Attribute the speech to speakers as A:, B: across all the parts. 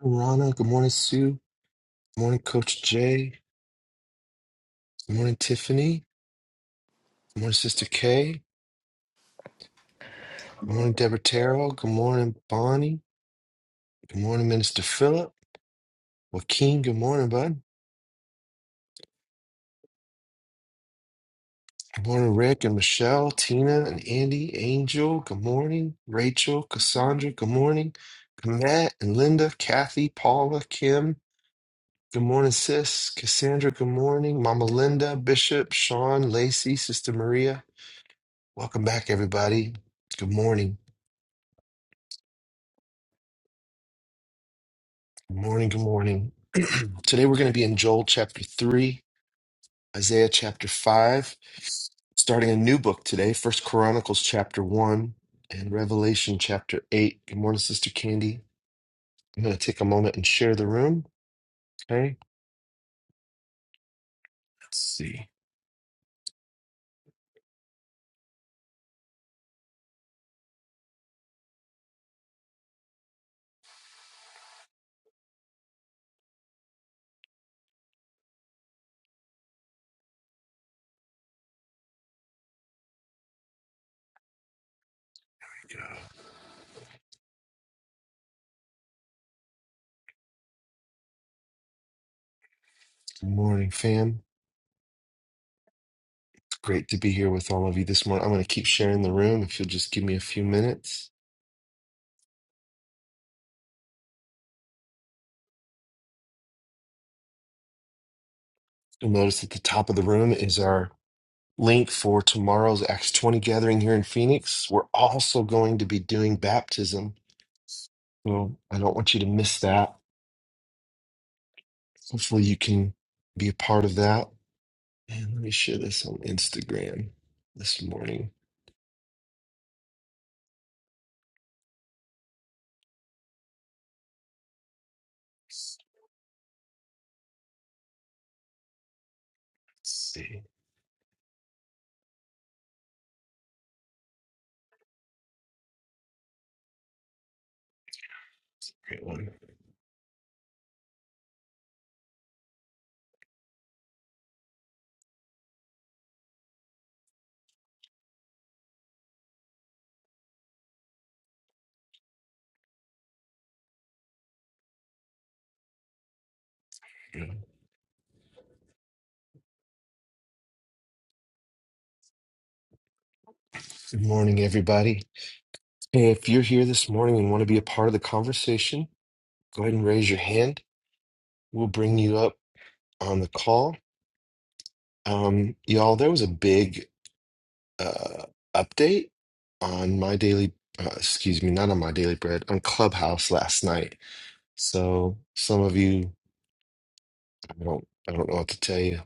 A: Rana. Good morning, Sue. Good morning, Coach Jay. Good morning, Tiffany. Good morning, Sister Kay. Good morning, Deborah Terrell. Good morning, Bonnie. Good morning, Minister Philip. Joaquin, good morning, bud. Good morning, Rick and Michelle, Tina and Andy, Angel. Good morning, Rachel, Cassandra. Good morning, Matt and Linda, Kathy, Paula, Kim. Good morning, sis. Cassandra, good morning. Mama Linda, Bishop, Sean, Lacey, Sister Maria. Welcome back, everybody. Good morning. Good morning. Good morning. Today we're going to be in Joel chapter 3, Isaiah chapter 5, starting a new book today, First Chronicles chapter 1 and Revelation chapter 8. Good morning, Sister Candy. I'm going to take a moment and share the room. Okay. Let's see. Good morning, fam. It's great to be here with all of you this morning. I'm going to keep sharing the room if you'll just give me a few minutes. You'll notice at the top of the room is our link for tomorrow's Acts 20 gathering here in Phoenix. We're also going to be doing baptism So I don't want you to miss that. Hopefully, you can be a part of that. And let me share this on Instagram this morning. Let's see. Great one. Yeah. Good morning, everybody. Hey, if you're here this morning and want to be a part of the conversation, go ahead and raise your hand. We'll bring you up on the call. Um, y'all, there was a big uh, update on my daily, uh, excuse me, not on my daily bread, on Clubhouse last night. So some of you. I don't I don't know what to tell you.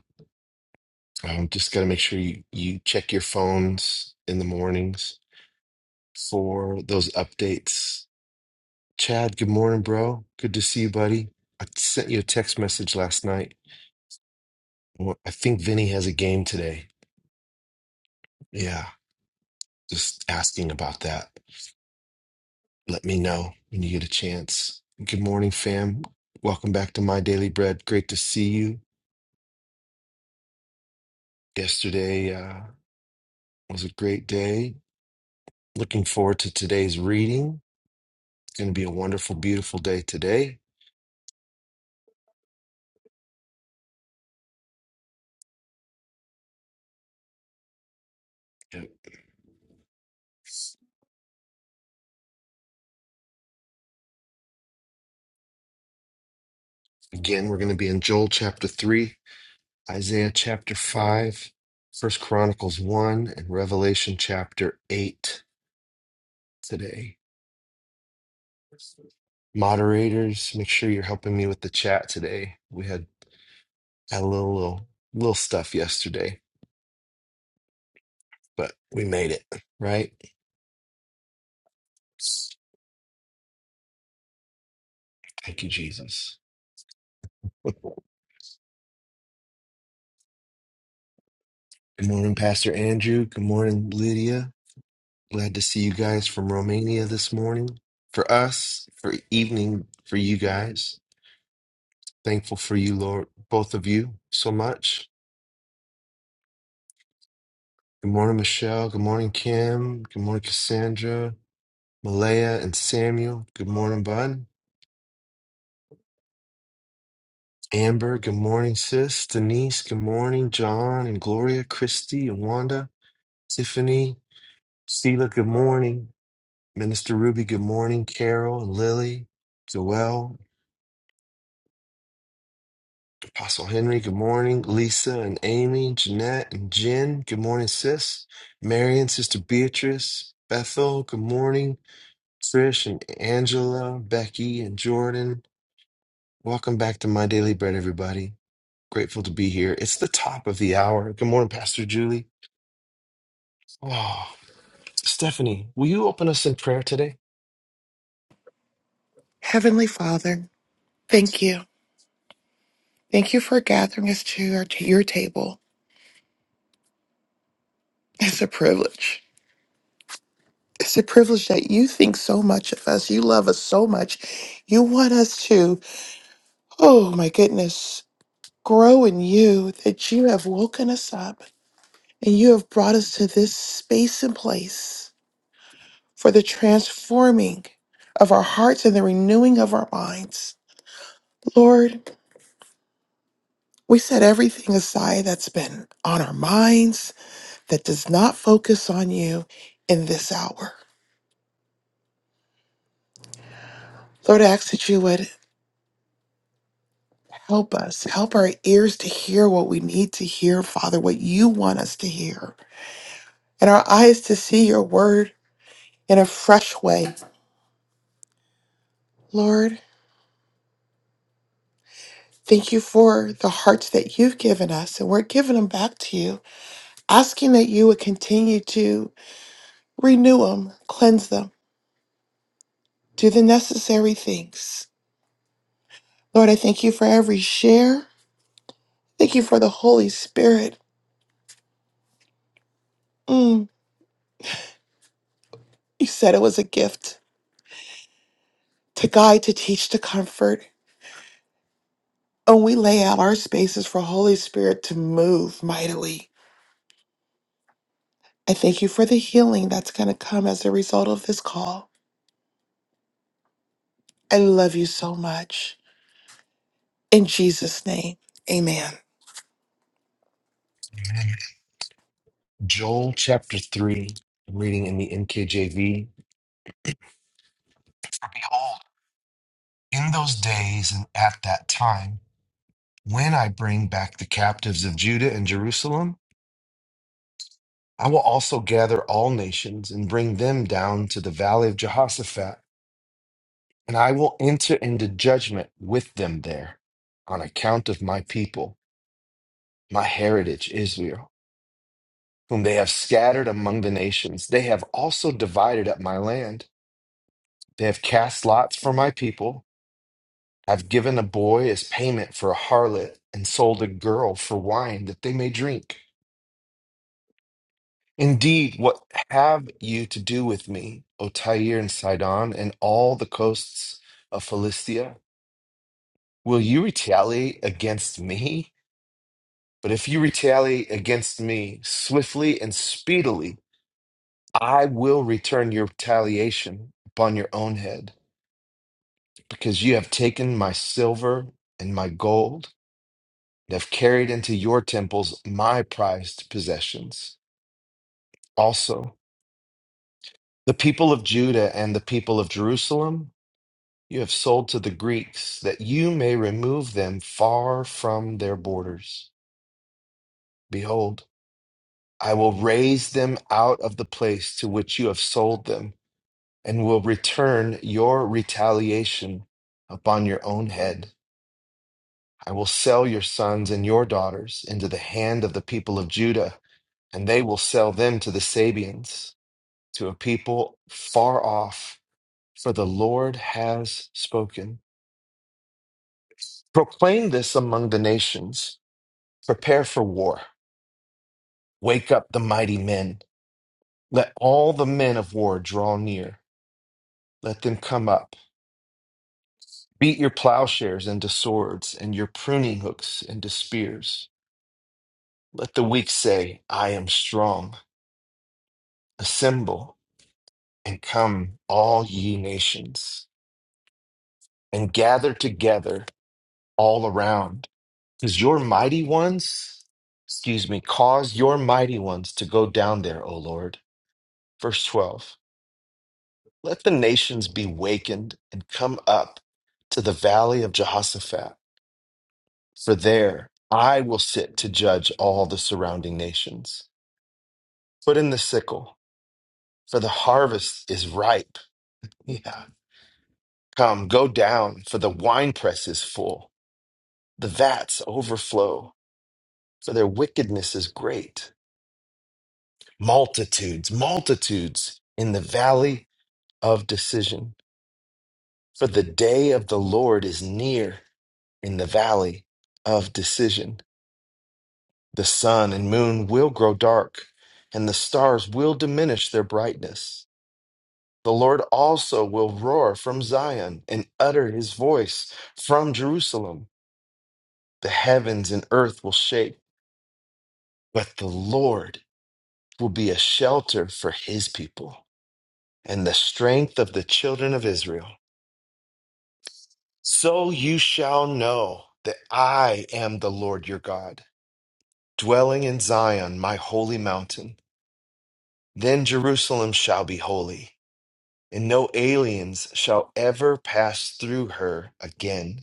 A: Um, just got to make sure you, you check your phones in the mornings for those updates. Chad, good morning, bro. Good to see you, buddy. I sent you a text message last night. Well, I think Vinny has a game today. Yeah, just asking about that. Let me know when you get a chance. Good morning, fam. Welcome back to My Daily Bread. Great to see you. Yesterday uh, was a great day. Looking forward to today's reading. It's going to be a wonderful, beautiful day today. Yep. Again, we're going to be in Joel chapter 3, Isaiah chapter 5, First Chronicles 1, and Revelation chapter 8 today. Moderators, make sure you're helping me with the chat today. We had, had a little, little little stuff yesterday, but we made it, right? Thank you, Jesus. Good morning, Pastor Andrew. Good morning, Lydia. Glad to see you guys from Romania this morning. For us, for evening, for you guys. Thankful for you, Lord, both of you so much. Good morning, Michelle. Good morning, Kim. Good morning, Cassandra, Malaya, and Samuel. Good morning, Bud. Amber, good morning, sis. Denise, good morning. John and Gloria, Christy and Wanda, Tiffany, Sheila, good morning. Minister Ruby, good morning. Carol and Lily, Joelle, Apostle Henry, good morning. Lisa and Amy, Jeanette and Jen, good morning, sis. Marion, Sister Beatrice, Bethel, good morning. Trish and Angela, Becky and Jordan, welcome back to My Daily Bread, everybody. Grateful to be here. It's the top of the hour. Good morning, Pastor Julie. Oh. Stephanie, will you open us in prayer today?
B: Heavenly Father, thank you. Thank you for gathering us to, our, to your table. It's a privilege. It's a privilege that you think so much of us. You love us so much. You want us to, oh my goodness, grow in you that you have woken us up and you have brought us to this space and place for the transforming of our hearts and the renewing of our minds. Lord, we set everything aside that's been on our minds that does not focus on you in this hour. Lord, I ask that you would help us, help our ears to hear what we need to hear, Father, what you want us to hear, and our eyes to see your word in a fresh way. Lord, thank you for the hearts that you've given us, and we're giving them back to you, asking that you would continue to renew them, cleanse them, do the necessary things. Lord, I thank you for every share. Thank you for the Holy Spirit. Mm. You said it was a gift to guide, to teach, to comfort. And we lay out our spaces for Holy Spirit to move mightily. I thank you for the healing that's going to come as a result of this call. I love you so much. In Jesus' name, amen.
A: Amen. Joel chapter 3, I'm reading in the NKJV. For behold, in those days and at that time, when I bring back the captives of Judah and Jerusalem, I will also gather all nations and bring them down to the valley of Jehoshaphat, and I will enter into judgment with them there on account of my people, my heritage, Israel, whom they have scattered among the nations. They have also divided up my land. They have cast lots for my people, have given a boy as payment for a harlot, and sold a girl for wine that they may drink. Indeed, what have you to do with me, O Tyre and Sidon, and all the coasts of Philistia? Will you retaliate against me? But if you retaliate against me swiftly and speedily, I will return your retaliation upon your own head, because you have taken my silver and my gold, and have carried into your temples my prized possessions. Also, the people of Judah and the people of Jerusalem you have sold to the Greeks, that you may remove them far from their borders. Behold, I will raise them out of the place to which you have sold them, and will return your retaliation upon your own head. I will sell your sons and your daughters into the hand of the people of Judah, and they will sell them to the Sabians, to a people far off, for the Lord has spoken. Proclaim this among the nations. Prepare for war. Wake up the mighty men. Let all the men of war draw near. Let them come up. Beat your plowshares into swords and your pruning hooks into spears. Let the weak say, I am strong. Assemble and come, all ye nations, and gather together all around. Because your mighty ones, excuse me, cause your mighty ones to go down there, O Lord. Verse 12. Let the nations be wakened and come up to the valley of Jehoshaphat, for there I will sit to judge all the surrounding nations. Put in the sickle, for the harvest is ripe. Yeah. Come, go down, for the winepress is full, the vats overflow, for their wickedness is great. Multitudes, multitudes in the valley of decision, for the day of the Lord is near in the valley of decision. The sun and moon will grow dark, and the stars will diminish their brightness. The Lord also will roar from Zion and utter his voice from Jerusalem. The heavens and earth will shake, but the Lord will be a shelter for his people and the strength of the children of Israel. So you shall know that I am the Lord your God, dwelling in Zion, my holy mountain. Then Jerusalem shall be holy and no aliens shall ever pass through her again.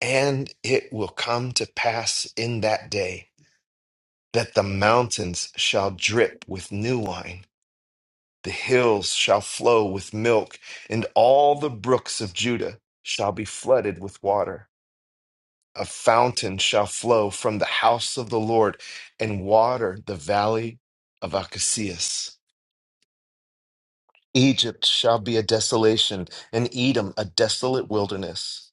A: And it will come to pass in that day that the mountains shall drip with new wine, the hills shall flow with milk, and all the brooks of Judah shall be flooded with water. A fountain shall flow from the house of the Lord and water the valley of Acacias. Egypt shall be a desolation, and Edom a desolate wilderness.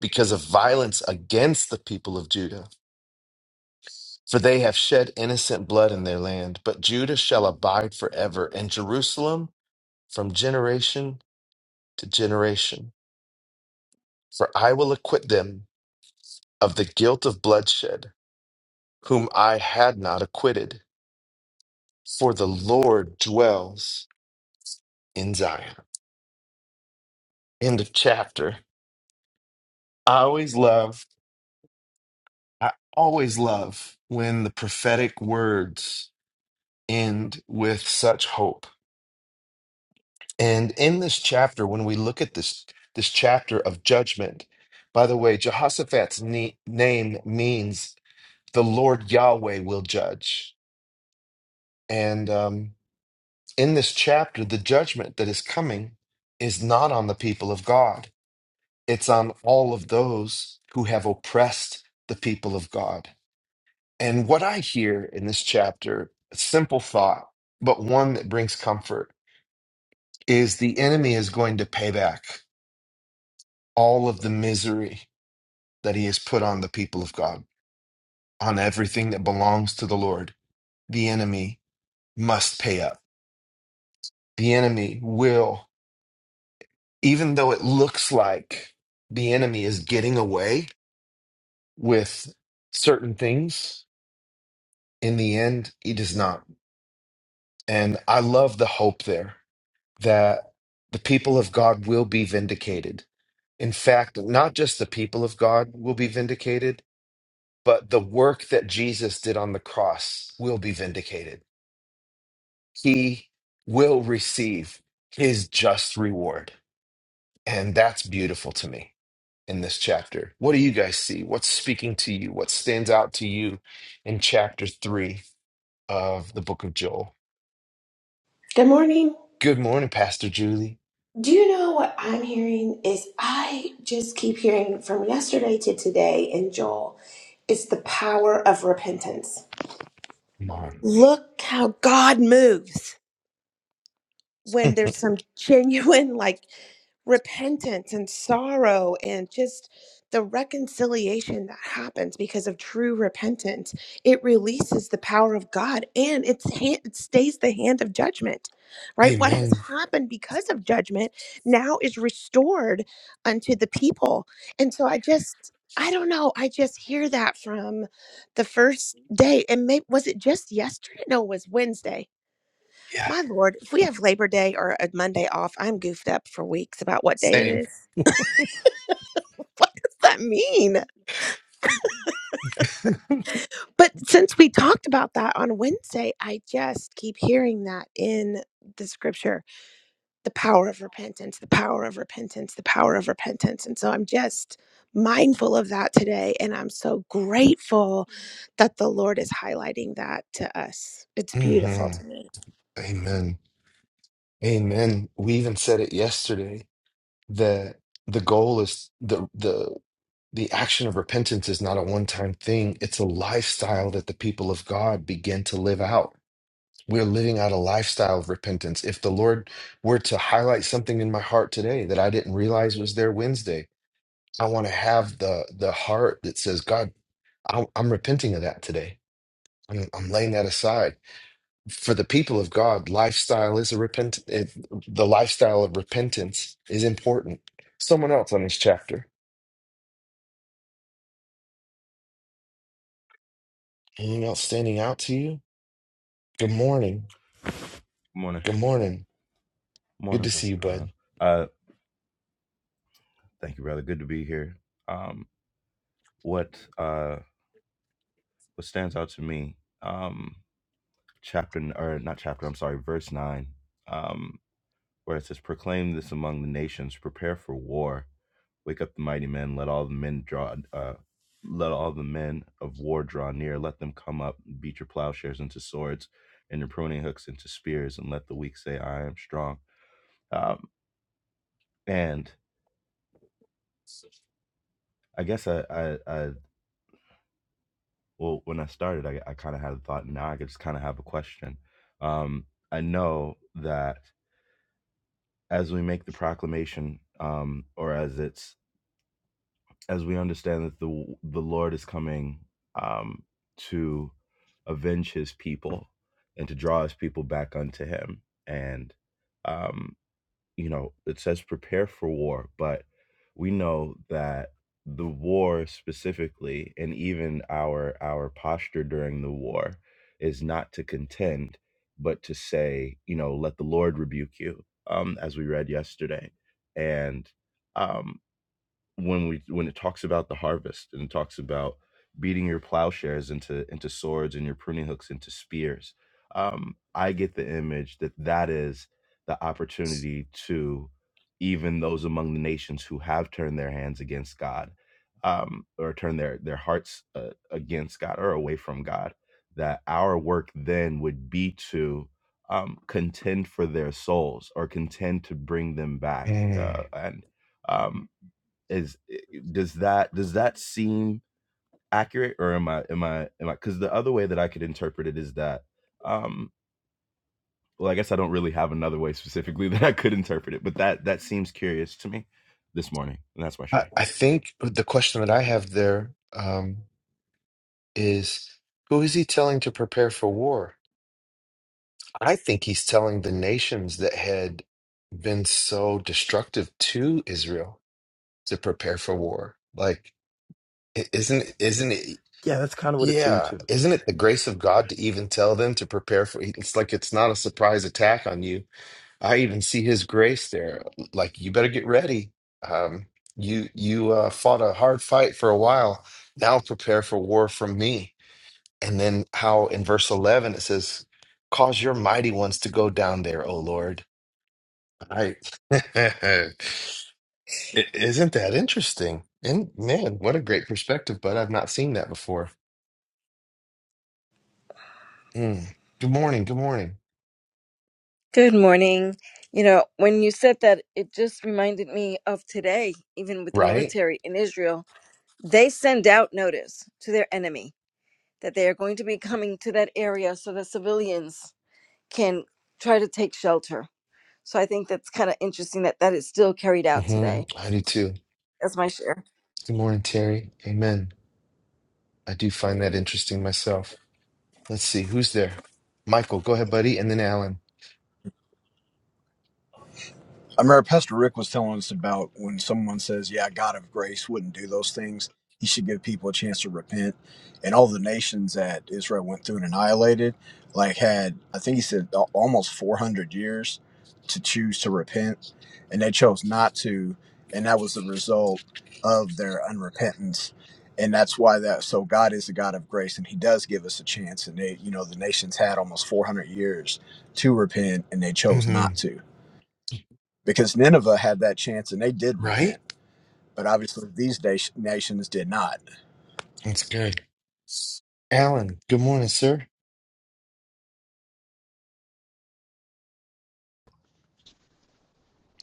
A: because of violence against the people of Judah. For they have shed innocent blood in their land, but Judah shall abide forever, and Jerusalem from generation to generation. For I will acquit them of the guilt of bloodshed, whom I had not acquitted. For the Lord dwells in Zion. End of chapter. I always love, I always love when the prophetic words end with such hope And in this chapter, when we look at this this chapter of judgment, by the way, Jehoshaphat's ne- name means the Lord Yahweh will judge. And um, in this chapter, the judgment that is coming is not on the people of God; it's on all of those who have oppressed the people of God. And what I hear in this chapter, a simple thought, but one that brings comfort, is the enemy is going to pay back all of the misery that he has put on the people of God, on everything that belongs to the Lord. The enemy must pay up. The enemy will, even though it looks like the enemy is getting away with certain things, in the end, he does not. And I love the hope there that the people of God will be vindicated. In fact, not just the people of God will be vindicated, but the work that Jesus did on the cross will be vindicated he will receive his just reward. And that's beautiful to me in this chapter. What do you guys see? What's speaking to you? What stands out to you in chapter three of the book of Joel?
C: Good morning.
A: Good morning, Pastor Julie.
C: Do you know what I'm hearing is I just keep hearing from yesterday to today in Joel, it's the power of repentance.
A: Come on.
C: Look how God moves. when there's some genuine like repentance and sorrow and just the reconciliation that happens because of true repentance it releases the power of god and it's hand, it stays the hand of judgment right what has
A: Amen.
C: happened because of judgment now is restored unto the people and so i just i don't know i just hear that from the first day and maybe was it just yesterday no it was wednesday
A: Yeah,
C: my Lord, if we have Labor Day or a Monday off, I'm goofed up for weeks about what day it
A: same.
C: is. What does that mean? But since we talked about that on Wednesday, I just keep hearing that in the scripture the power of repentance, the power of repentance, the power of repentance. And so I'm just mindful of that today. And I'm so grateful that the Lord is highlighting that to us. It's beautiful
A: hmm
C: to me.
A: Amen. Amen. We even said it yesterday that the goal is the the The action of repentance is not a one time thing, it's a lifestyle that the people of God begin to live out. We're living out a lifestyle of repentance. If the Lord were to highlight something in my heart today that I didn't realize was there Wednesday, I want to have the, the heart that says, God, I'm, I'm repenting of that today. I'm, I'm laying that aside. For the people of God, lifestyle is a repent. It, the lifestyle of repentance is important. Someone else on this chapter. Anything else standing out to you? Good morning.
D: Morning,
A: Good morning. Good
D: morning,
A: to see you,
D: Pastor Ron.
A: bud.
D: Uh, thank you, brother. Good to be here. Um, what uh, what stands out to me, um, chapter n- or not chapter? I'm sorry, verse nine, um, where it says, "Proclaim this among the nations, prepare for war, wake up the mighty men, let all the men draw, uh, let all the men of war draw near, let them come up, beat your plowshares into swords, and your pruning hooks into spears, and let the weak say, I am strong." Um, and I guess I, I, I Well, when I started, I, I kind of had a thought, now I could just kind of have a question. Um, I know that as we make the proclamation, um, or as it's as we understand that the the Lord is coming um, to avenge His people and to draw His people back unto Him, and um you know, it says prepare for war, but we know that the war specifically, and even our our posture during the war, is not to contend, but to say, you know, let the Lord rebuke you, um, as we read yesterday, and um, when we when it talks about the harvest and it talks about beating your plowshares into into swords and your pruning hooks into spears um i get the image that that is the opportunity to even those among the nations who have turned their hands against god um or turned their their hearts uh, against god or away from god that our work then would be to um contend for their souls or contend to bring them back uh,
A: Mm.
D: and um is eh, eh, does that does that seem accurate or am i am i am i because the other way that i could interpret it is that um well i guess i don't really have another way specifically that i could interpret it but that that seems curious to me this morning and that's my
A: I,
D: share
A: I think the question that I have there um, is who is he telling to prepare for war? I think he's telling the nations that had been so destructive to Israel to prepare for war. Like, i- isn't isn't it?
D: Yeah, that's kind of what it seemed
A: Yeah,
D: to.
A: isn't it the grace of God to even tell them to prepare for? It's like it's not a surprise attack on you I even see his grace there. Like, you better get ready. Um, you you uh, fought a hard fight for a while. Now prepare for war from me. And then how in verse eleven it says, "Cause your mighty ones to go down there, O Lord." I I- isn't that interesting? And man, what a great perspective! But I've not seen that before. Mm. Good morning. Good morning.
E: Good morning. You know, when you said that, it just reminded me of today, even with the
A: Right?
E: military in Israel. They send out notice to their enemy that they are going to be coming to that area so that civilians can try to take shelter. So I think that's kind of interesting that that is still carried out
A: hmm
E: today.
A: I do too.
E: That's my share.
A: Good morning, Terry. Amen. I do find that interesting myself. Let's see who's there. Michael, go ahead, buddy, and then Alan.
F: I remember Pastor Rick was telling us about when someone says, Yeah, God of grace wouldn't do those things. He should give people a chance to repent. And all the nations that Israel went through and annihilated, like, had, I think he said, al- almost 400 years to choose to repent. And they chose not to. And that was the result of their unrepentance. And that's why that, so God is a God of grace and he does give us a chance. And they, you know, the nations had almost 400 years to repent and they chose
A: hmm
F: not to because Nineveh had that chance and they did repent.
A: Right?
F: But obviously, these nat- nations did not.
A: That's good. Alan, good morning, sir.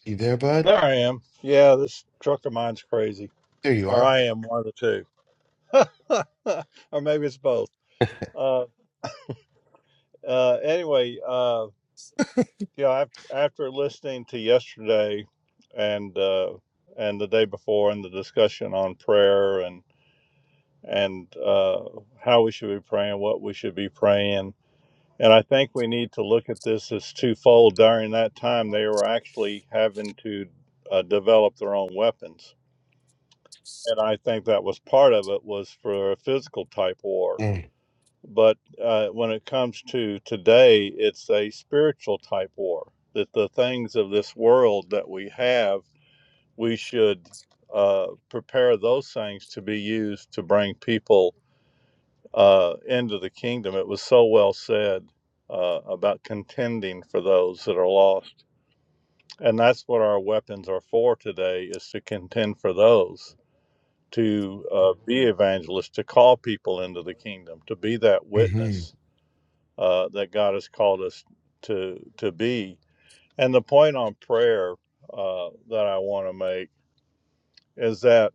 A: You there, bud?
G: There I am. Yeah, this truck of mine's crazy.
A: There you
G: Or
A: are.
G: I am one of the two. or maybe it's both. Uh, uh, anyway, uh, you know, af- after listening to yesterday and uh, and the day before and the discussion on prayer and and uh, how we should be praying, what we should be praying, and I think we need to look at this as twofold. During that time, they were actually having to uh, develop their own weapons and I think that was part of it was for a physical type war.
A: Mm-hmm.
G: But uh, when it comes to today, it's a spiritual type war. That the things of this world that we have, we should uh, prepare those things to be used to bring people uh, into the kingdom. It was so well said uh, about contending for those that are lost, and that's what our weapons are for today: is to contend for those to uh, be evangelists, to call people into the kingdom, to be that witness
A: That's
G: uh, that God has called us to to be. And the point on prayer uh, that I want to make is that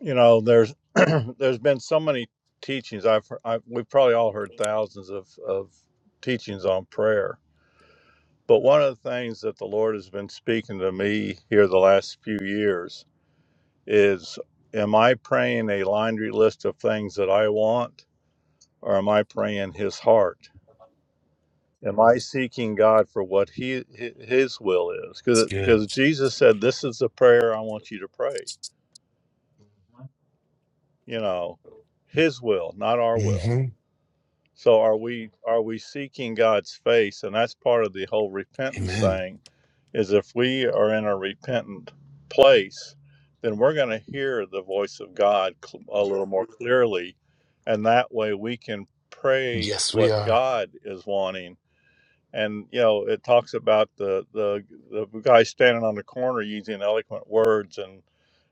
G: you know there's there's been so many teachings. I've, I've we've probably all heard thousands of of teachings on prayer. But one of the things that the Lord has been speaking to me here the last few years is, am I praying a laundry list of things that I want? or am I praying His heart? Am I seeking God for what He His will is? Because
A: good.
G: because Jesus said, "This is the prayer I want you to pray." You know, His will, not our will.
A: hmm
G: So are we are we seeking God's face? And that's part of the whole repentance
A: Amen.
G: thing. Is if we are in a repentant place, then we're going to hear the voice of God cl- a little more clearly, and that way we can pray
A: Yes, we
G: what
A: are.
G: God is wanting and you know it talks about the the the guy standing on the corner using eloquent words and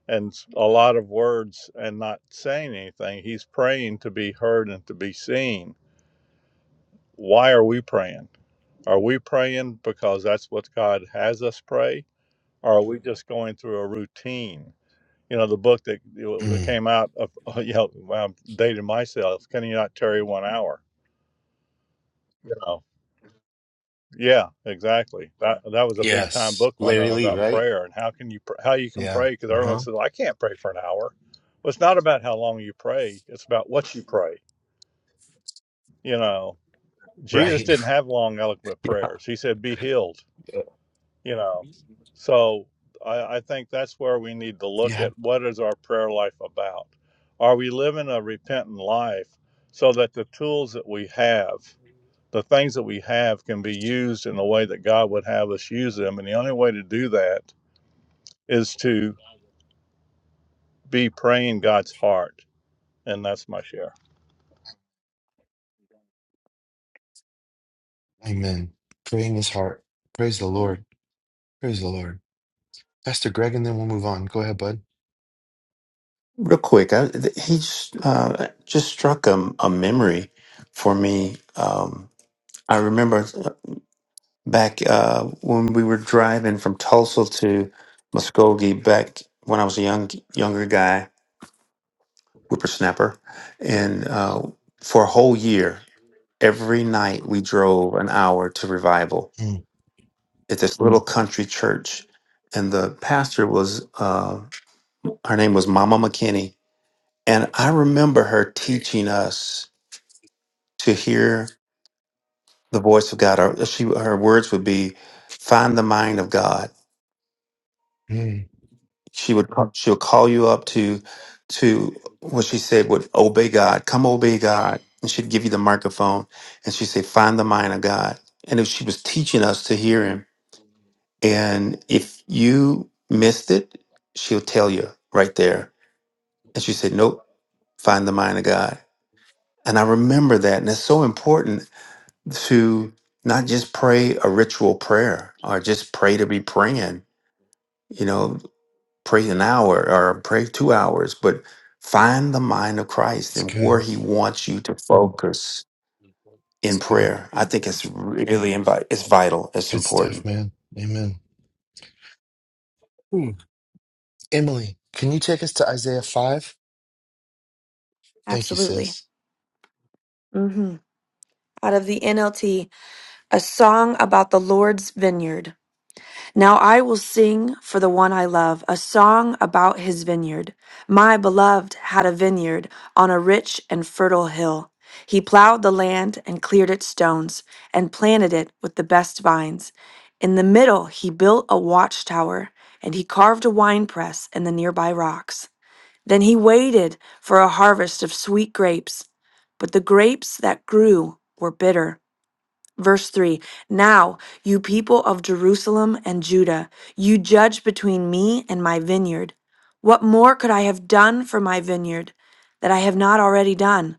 G: and a lot of words and not saying anything he's praying to be heard and to be seen why are we praying are we praying because that's what god has us pray or are we just going through a routine you know the book that that
A: Mm.
G: came out of you know well, i'm dating myself can you not tarry one hour Yeah, exactly. That that was a big time
A: Yes.
G: book one uh,
A: Larry Lee,
G: about
A: right?
G: prayer and how can you pr- how you can
A: Yeah.
G: pray because everyone
A: Uh-huh.
G: says "Well, I can't pray for an hour. Well, it's not about how long you pray; it's about what you pray. You know, Jesus
A: Right.
G: didn't have long eloquent
A: yeah.
G: prayers. He said, "Be healed." You know, so I, I think that's where we need to look
A: Yeah.
G: at what is our prayer life about. Are we living a repentant life so that the tools that we have? the things that we have can be used in the way that God would have us use them. And the only way to do that is to be praying God's heart. And that's my share.
A: Amen. Pray in his heart. Praise the Lord. Praise the Lord. Pastor Greg, and then we'll move on. Go ahead, bud.
H: Real quick, I, th- he s- uh, just struck a, a memory for me. Um, I remember uh, back uh, when we were driving from Tulsa to Muskogee back when I was a young younger guy, whippersnapper, and uh, for a whole year, every night we drove an hour to revival
A: mm
H: at this little country church, and the pastor was uh, her name was Mama McKinney, and I remember her teaching us. to hear the voice of God. Or she, her words would be, "Find the mind of God."
A: Mm.
H: She would she'll call you up to to what she said would obey God. Come obey God, and she'd give you the microphone, and she'd say, "Find the mind of God." And if she was teaching us to hear Him, and if you missed it, she'll tell you right there. And she said, "Nope, find the mind of God." And I remember that, and it's so important to not just pray a ritual prayer or just pray to be praying, you know, pray an hour or pray two hours, but find the mind of Christ
A: It's
H: and where
A: good.
H: he wants you to focus in
A: It's good.
H: prayer. I think it's really invi- it's vital, it's
A: Good stuff,
H: important.
A: man. Amen. Hmm. Emily, can you take us to Isaiah 5? Thank you,
I: Absolutely.
A: sis.
I: hmm Out of the NLT, a song about the Lord's vineyard. Now I will sing for the one I love, a song about his vineyard. My beloved had a vineyard on a rich and fertile hill. He plowed the land and cleared its stones and planted it with the best vines. In the middle, he built a watchtower and he carved a winepress in the nearby rocks. Then he waited for a harvest of sweet grapes, but the grapes that grew were bitter. Verse 3 Now, you people of Jerusalem and Judah, you judge between me and my vineyard. What more could I have done for my vineyard that I have not already done?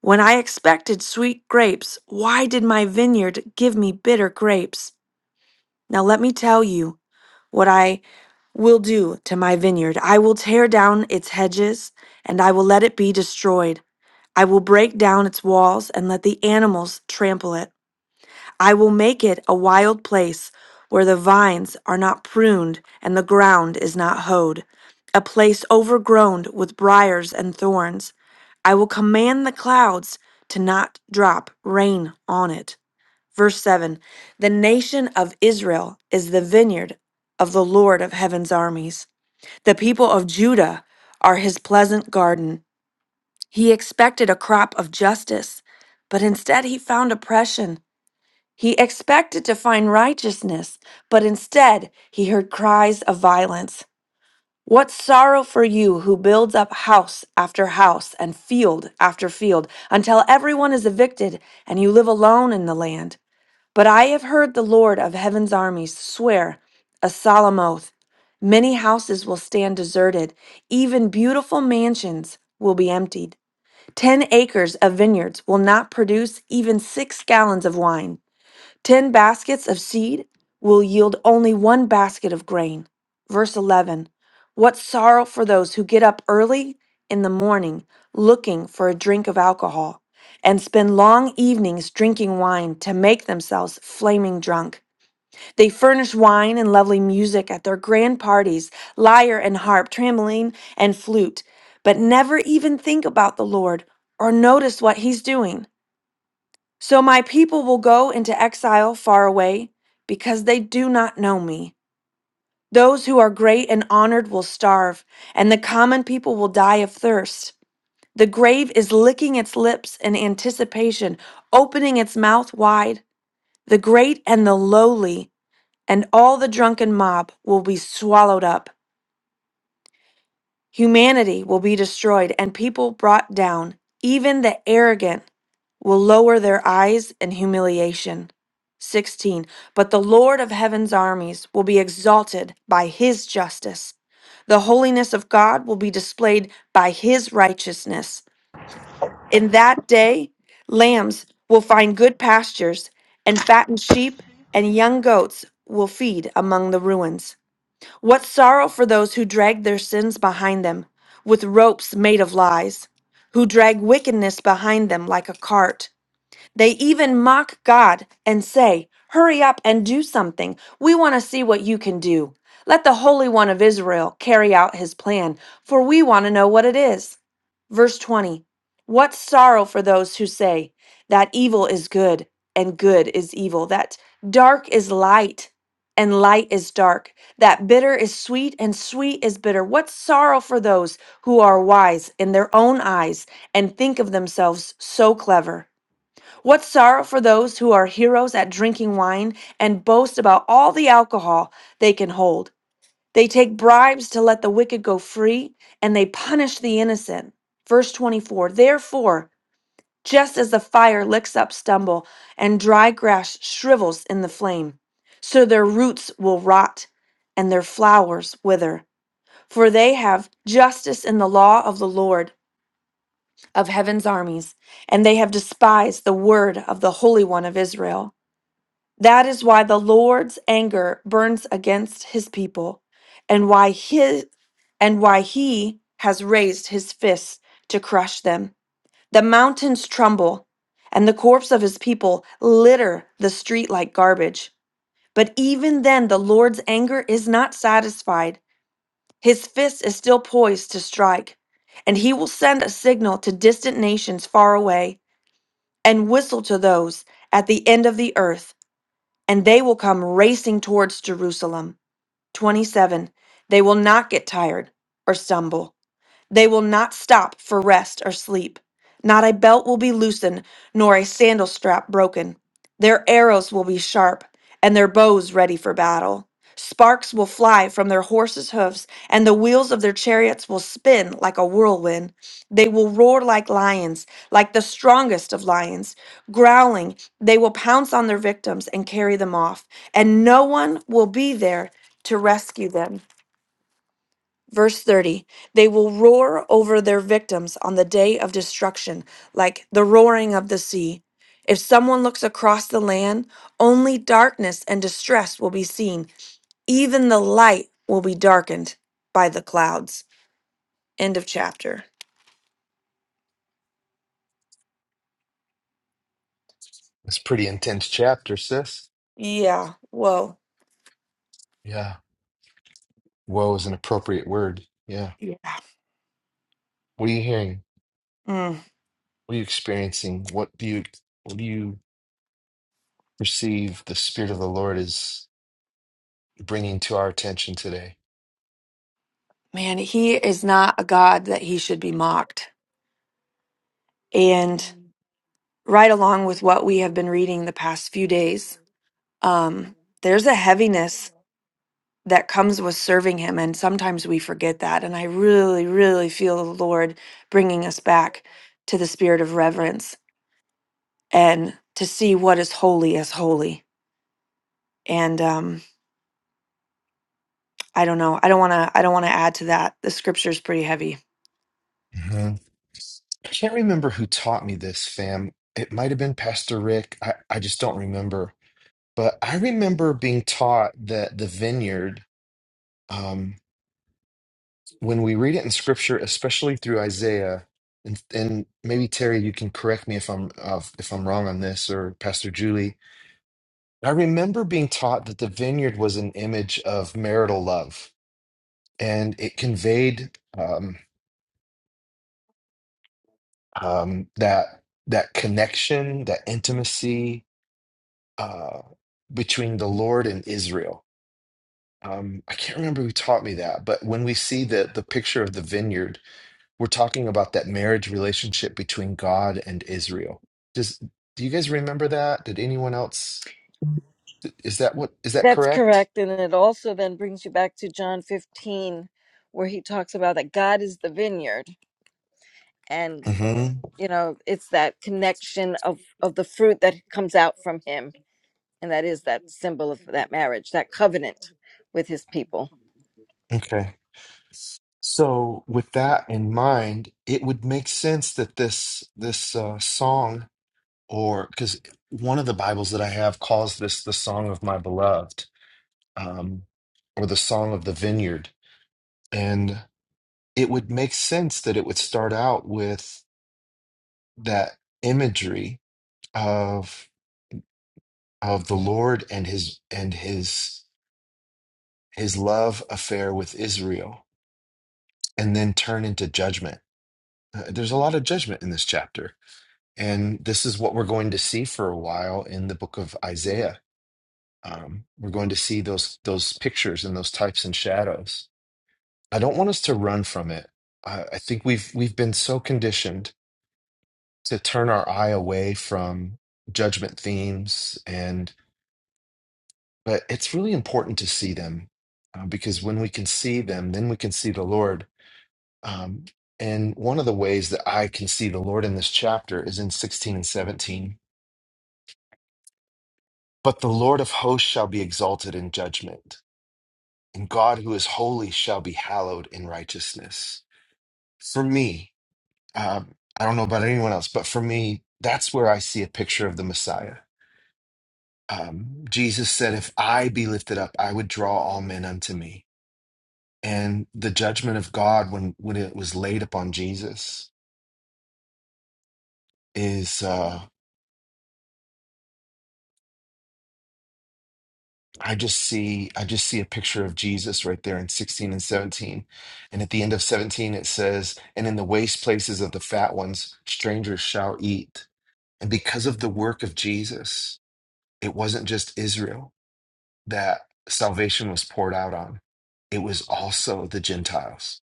I: When I expected sweet grapes, why did my vineyard give me bitter grapes? Now let me tell you what I will do to my vineyard. I will tear down its hedges, and I will let it be destroyed. I will break down its walls and let the animals trample it. I will make it a wild place where the vines are not pruned and the ground is not hoed, a place overgrown with briars and thorns. I will command the clouds to not drop rain on it. Verse 7 The nation of Israel is the vineyard of the Lord of heaven's armies. The people of Judah are his pleasant garden. He expected a crop of justice, but instead he found oppression. He expected to find righteousness, but instead he heard cries of violence. What sorrow for you who builds up house after house and field after field until everyone is evicted and you live alone in the land. But I have heard the Lord of heaven's armies swear a solemn oath many houses will stand deserted, even beautiful mansions will be emptied. Ten acres of vineyards will not produce even six gallons of wine. Ten baskets of seed will yield only one basket of grain. Verse 11 What sorrow for those who get up early in the morning looking for a drink of alcohol and spend long evenings drinking wine to make themselves flaming drunk. They furnish wine and lovely music at their grand parties, lyre and harp, trampoline and flute, but never even think about the Lord or notice what he's doing. So my people will go into exile far away because they do not know me. Those who are great and honored will starve, and the common people will die of thirst. The grave is licking its lips in anticipation, opening its mouth wide. The great and the lowly and all the drunken mob will be swallowed up. Humanity will be destroyed and people brought down, even the arrogant. will lower their eyes in humiliation. 16. But the Lord of heaven's armies will be exalted by his justice. The holiness of God will be displayed by his righteousness. In that day, lambs will find good pastures, and fattened sheep and young goats will feed among the ruins. What sorrow for those who drag their sins behind them with ropes made of lies, who drag wickedness behind them like a cart they even mock God and say, Hurry up and do something. We want to see what you can do. Let the Holy One of Israel carry out his plan, for we want to know what it is. Verse 20 What sorrow for those who say, That evil is good, and good is evil, that dark is light, and light is dark, that bitter is sweet, and sweet is bitter. What sorrow for those who are wise in their own eyes and think of themselves so clever what sorrow for those who are heroes at drinking wine and boast about all the alcohol they can hold. They take bribes to let the wicked go free, and they punish the innocent. Verse 24 Therefore, just as the fire licks up stubble and dry grass shrivels in the flame, so their roots will rot and their flowers wither. For they have justice in the law of the Lord of heaven's armies, and they have despised the word of the Holy One of Israel. That is why the Lord's anger burns against his people and why his and why he has raised his fist to crush them. The mountains tremble and the corpse of his people litter the street like garbage. But even then the Lord's anger is not satisfied. His fist is still poised to strike, and he will send a signal to distant nations far away and whistle to those at the end of the earth and they will come racing towards Jerusalem. 27. They will not get tired or stumble. They will not stop for rest or sleep. Not a belt will be loosened, nor a sandal strap broken. Their arrows will be sharp, and their bows ready for battle. Sparks will fly from their horses' hoofs, and the wheels of their chariots will spin like a whirlwind. They will roar like lions, like the strongest of lions. Growling, they will pounce on their victims and carry them off, and no one will be there to rescue them. Verse 30 They will roar over their victims on the day of destruction, like the roaring of the sea. If someone looks across the land, only darkness and distress will be seen. Even the light will be darkened by the clouds. End of chapter.
A: It's a pretty intense chapter, sis.
I: Yeah, whoa.
A: Yeah. Woe is an appropriate word. Yeah.
I: Yeah.
A: What are you hearing?
I: Mm,
A: What are you experiencing? What do you what do you perceive the spirit of the Lord is bringing to our attention today?
I: man, he is not a God that he should be mocked. And right along with what we have been reading the past few days, um, there's a heaviness that comes with serving him and sometimes we forget that and i really really feel the lord bringing us back to the spirit of reverence and to see what is holy as holy and um i don't know i don't want to i don't want to add to that the scripture is pretty heavy
A: Mhm. I can't remember who taught me this, fam. It might have been Pastor Rick. I, I just don't remember. But I remember being taught that the vineyard um, when we read it in scripture, especially through Isaiah, and, and maybe Terry, you can correct me if I'm uh, if I'm wrong on this, or Pastor Julie. I remember being taught that the vineyard was an image of marital love, and it conveyed um, um, that that connection, that intimacy uh, between the Lord and Israel. Um, I can't remember who taught me that, but when we see the the picture of the vineyard We're talking about that marriage relationship between God and Israel. Does do you guys remember that? Did anyone else? Is that what is that
E: That's
A: correct?
E: correct. And it also then brings you back to John 15, where he talks about that God is the vineyard.
A: hmm
E: you know it's that connection of of the fruit that comes out from him and that is that symbol of that marriage that covenant with his people
A: Okay. So with that in mind, it would make sense that this this uh, song, or because one of the Bibles that I have calls this the song of my beloved, um, or the song of the vineyard, and it would make sense that it would start out with that imagery of. of the Lord and his and his his love affair with Israel and then turn into judgment. Uh, There's a lot of judgment in this chapter. And this is what we're going to see for a while in the book of Isaiah. Um, we're going to see those those pictures and those types and shadows. I don't want us to run from it. I, I think we've we've been so conditioned to turn our eye away from judgment themes and. But it's really important to see them uh, because when we can see them, then we can see the Lord. Um, and one of the ways that I can see the Lord in this chapter is in 16 and 17. But the Lord of hosts shall be exalted in judgment, and God who is holy shall be hallowed in righteousness. For me, um, I don't know about anyone else, but for me, that's where I see a picture of the Messiah. Um, Jesus said, If I be lifted up, I would draw all men unto me. and the judgment of God when when it was laid upon Jesus is uh I just see I just see a picture of Jesus right there in 16 and 17. And at the end of 17 it says, and in the waste places of the fat ones strangers shall eat. And because of the work of Jesus, it wasn't just Israel that salvation was poured out on. It was also the Gentiles.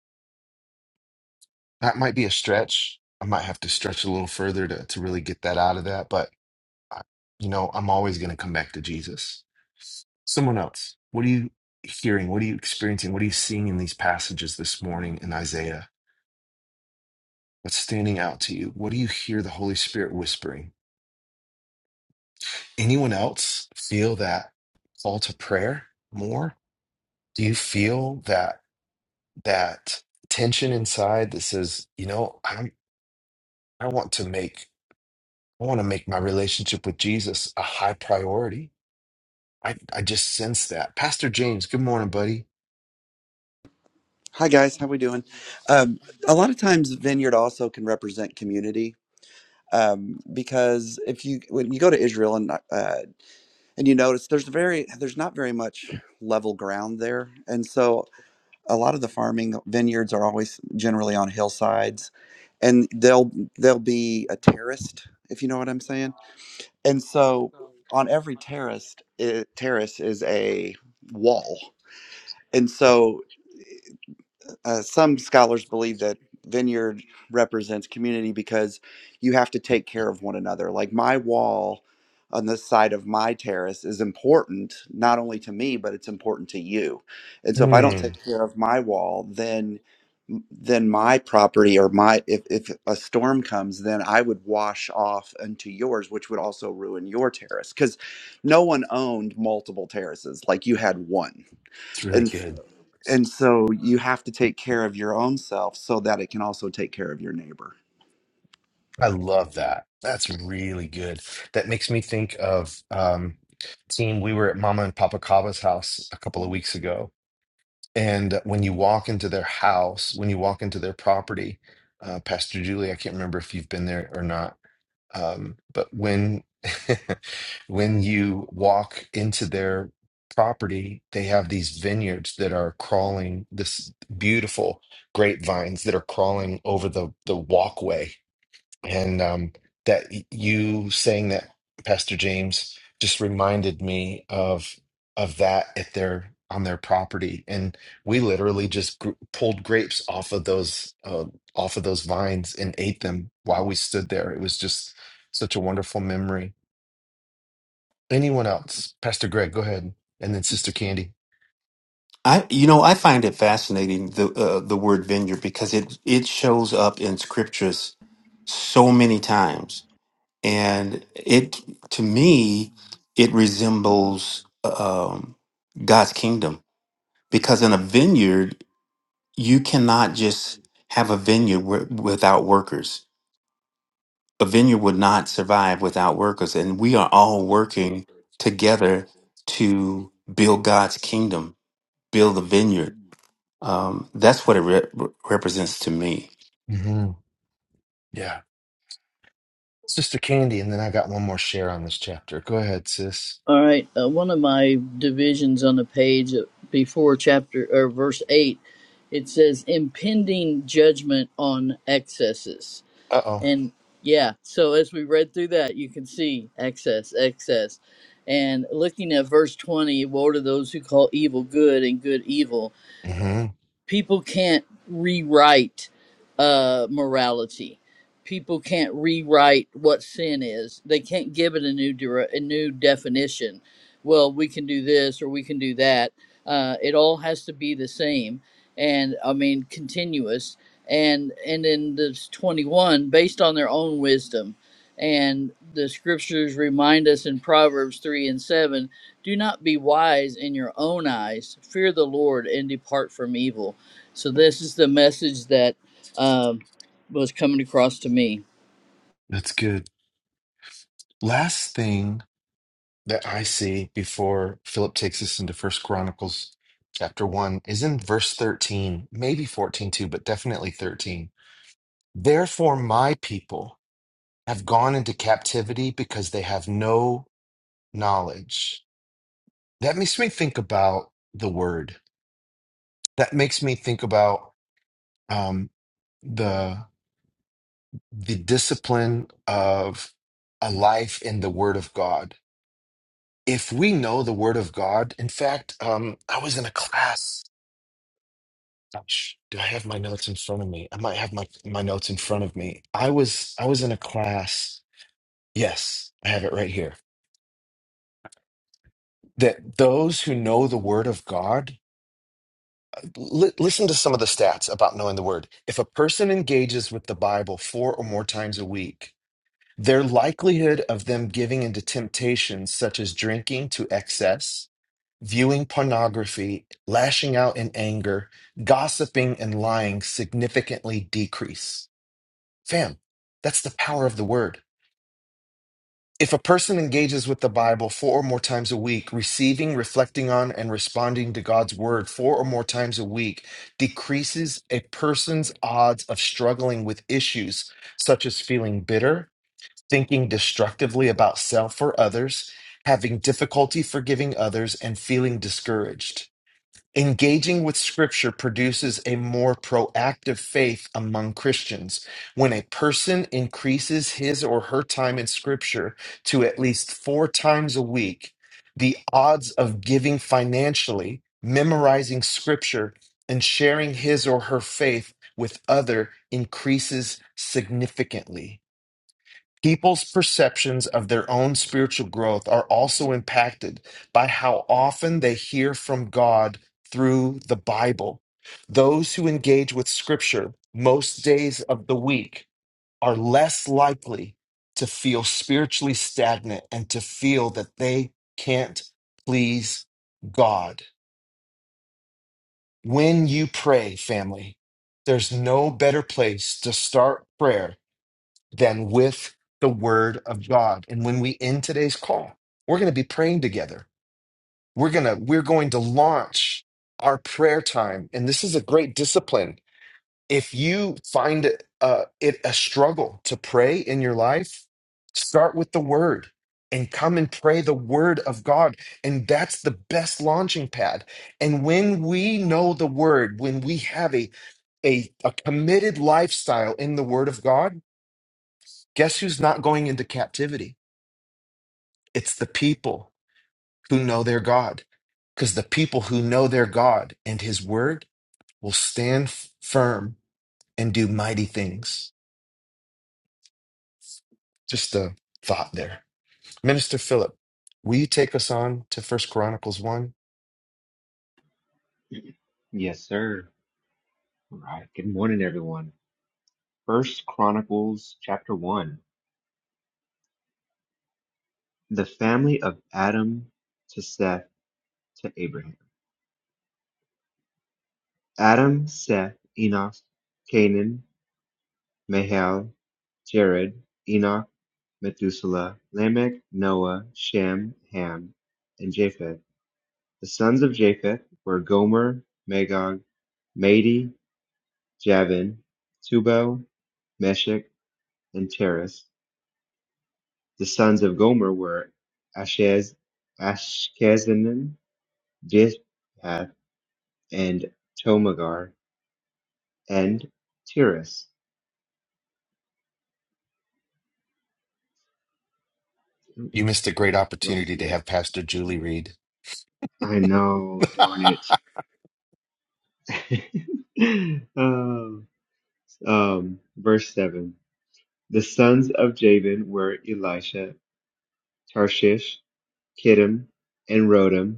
A: That might be a stretch. I might have to stretch a little further to, to really get that out of that, but I- you know, I'm always going to come back to Jesus. Someone else, what are you hearing? What are you experiencing? What are you seeing in these passages this morning in Isaiah? What's standing out to you? What do you hear the Holy Spirit whispering? Anyone else feel that call to prayer more? Do you feel that that tension inside that says, you know, I I want to make I want to make my relationship with Jesus a high priority? I, I just sense that. Pastor James, good morning, buddy.
J: Hi guys, how we doing? Um, a lot of times, vineyard also can represent community um, because if you when you go to Israel and uh, and you notice there's very there's not very much level ground there, and so a lot of the farming vineyards are always generally on hillsides, and they'll they'll be a terraced if you know what I'm saying, and so on every terrace eh, terrace is a wall, and so uh, some scholars believe that vineyard represents community because you have to take care of one another. Like my wall on the side of my terrace is important not only to me but it's important to you. And so if I don't
A: Mm,
J: take care of my wall, then then my property or my if, if a storm comes then i would wash off into yours which would also ruin your terrace because no one owned multiple terraces like you had one
A: it's really
J: and
A: good.
J: and so you have to take care of your own self so that it can also take care of your neighbor.
A: I love that. That's really good. That makes me think of um team. We were at Mama and Papa Kava's house a couple of weeks ago, And when you walk into their house, when you walk into their property, uh, Pastor Julie, I can't remember if you've been there or not, um, but when when you walk into their property, they have these vineyards that are crawling, this beautiful grapevines that are crawling over the the walkway and um, that y- you saying that, Pastor James, just reminded me of of that at their on their property, and we literally just gr- pulled grapes off of those uh, off of those vines and ate them while we stood there. It was just such a wonderful memory. Anyone else, Pastor Greg, go ahead, and then Sister Candy.
H: I you know, I find it fascinating the uh, the word vineyard because it it shows up in scriptures so many times and it to me it resembles um, god's kingdom because in a vineyard you cannot just have a vineyard w- without workers a vineyard would not survive without workers and we are all working together to build god's kingdom build the vineyard um, that's what it re- represents to me
A: hmm Yeah, Sister Candy, and then I got one more share on this chapter. Go ahead, sis.
K: All right. Uh, one of my divisions on the page uh, before chapter or verse 8, it says impending judgment on excesses.
A: Uh oh.
K: And yeah, so as we read through that, you can see excess, excess. And looking at verse 20, woe to those who call evil good and good evil
A: hmm
K: people can't rewrite uh, morality. People can't rewrite what sin is. They can't give it a new dire- a new definition. Well, we can do this or we can do that. Uh, it all has to be the same, and I mean continuous. And and in this twenty one, based on their own wisdom, and the scriptures remind us in Proverbs three and seven do not be wise in your own eyes. Fear the Lord and depart from evil. So this is the message that um, was coming across to me.
A: That's good. Last thing that I see before Philip takes us into First Chronicles chapter 1 is in verse 13, maybe 14 too, but definitely 13. Therefore, my people have gone into captivity because they have no knowledge. That makes me think about the word. That makes me think about um, the the discipline of a life in the Word of God. If we know the Word of God, in fact, um, I was in a class Gosh, do I have my notes in front of me? I might have my, my notes in front of me. I was I was in a class. Yes, I have it right here. That those who know the word of God, li- listen to some of the stats about knowing the word. If a person engages with the Bible four or more times a week, their likelihood of them giving into temptations such as drinking to excess, viewing pornography, lashing out in anger, gossiping and lying significantly decrease Fam, that's the power of the word. If a person engages with the Bible four or more times a week, receiving, reflecting on, and responding to God's word four or more times a week decreases a person's odds of struggling with issues such as feeling bitter, thinking destructively about self or others, having difficulty forgiving others, and feeling discouraged. Engaging with Scripture produces a more proactive faith among Christians. When a person increases his or her time in Scripture to at least four times a week, the odds of giving financially, memorizing Scripture, and sharing his or her faith with other increases significantly. People's perceptions of their own spiritual growth are also impacted by how often they hear from God through the Bible. Those who engage with Scripture most days of the week are less likely to feel spiritually stagnant and to feel that they can't please God. When you pray, family, there's no better place to start prayer than with the word of God. And when we end today's call, we're going to be praying together. We're going to we're going to launch our prayer time and this is a great discipline. If you find uh, it a struggle to pray in your life, start with the word and come and pray the word of God. And that's the best launching pad. And when we know the word, when we have a, a, a committed lifestyle in the word of God, Guess who's not going into captivity? It's the people who know their God. Because the people who know their God and his word will stand f- firm and do mighty things. Just a thought there. Minister Philip, will you take us on to First Chronicles 1?
L: Yes, sir. All right. Good morning, everyone. First Chronicles chapter one. The family of Adam to Seth to Abraham. Adam, Seth, Enoch, Canaan, Mahal, Jared, Enoch, Methuselah, Lamech, Noah, Shem, Ham, and Japheth. The sons of Japheth were Gomer, Magog, Madai, Javan, Tubal, Meshech, and Teres. The sons of Gomer were Ashaz, Ashkenazen, Japheth, and Tomagar, and Tiras.
A: You missed a great opportunity to
L: Yeah,
A: have Pastor Julie read.
L: I know, darn it. um, um, verse 7. The sons of Jabin were Elisha, Tarshish, Kittim, and Rodim.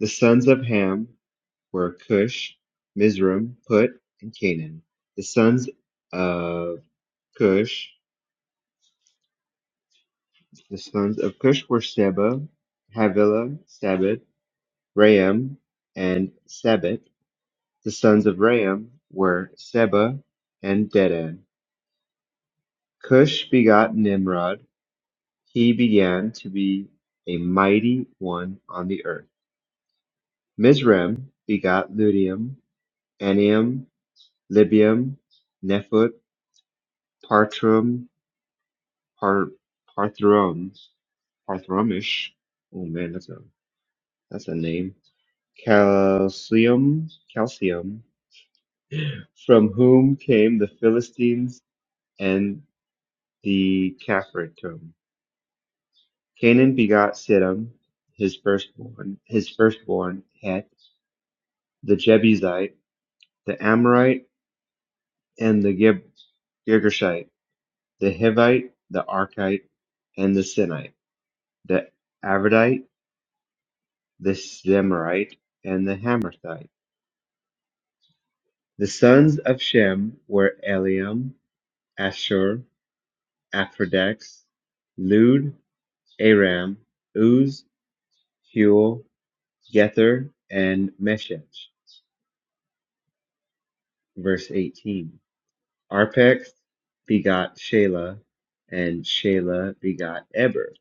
L: The sons of Ham were Cush, Mizraim, Put, and Canaan. The sons of Cush The sons of Cush were Seba, Havilah, Sabet, Raam, and Sabet. The sons of Raam were Seba and Dedan. Cush begot Nimrod. He began to be a mighty one on the earth. Mizraim begot Ludium, Anium, Libium, Nephut, Partrum, Par- Parthrum, Parthramish. Oh man, that's a that's a name. Calcium, Calcium, from whom came the Philistines and the Caphratum. Canaan begot Siddim, his firstborn. His firstborn Het, the Jebusite, the Amorite, and the Gib- Girgashite, the Hivite, the Archite, and the Sinite, the Avidite, the Zemarite, and the Hamathite. The sons of Shem were Eliam, Ashur, Aphrodite, Lud, Aram, Uz, Huel, Gether, and Meshech. Verse 18. Arpachshad begot Shelah, and Shelah begot Eber.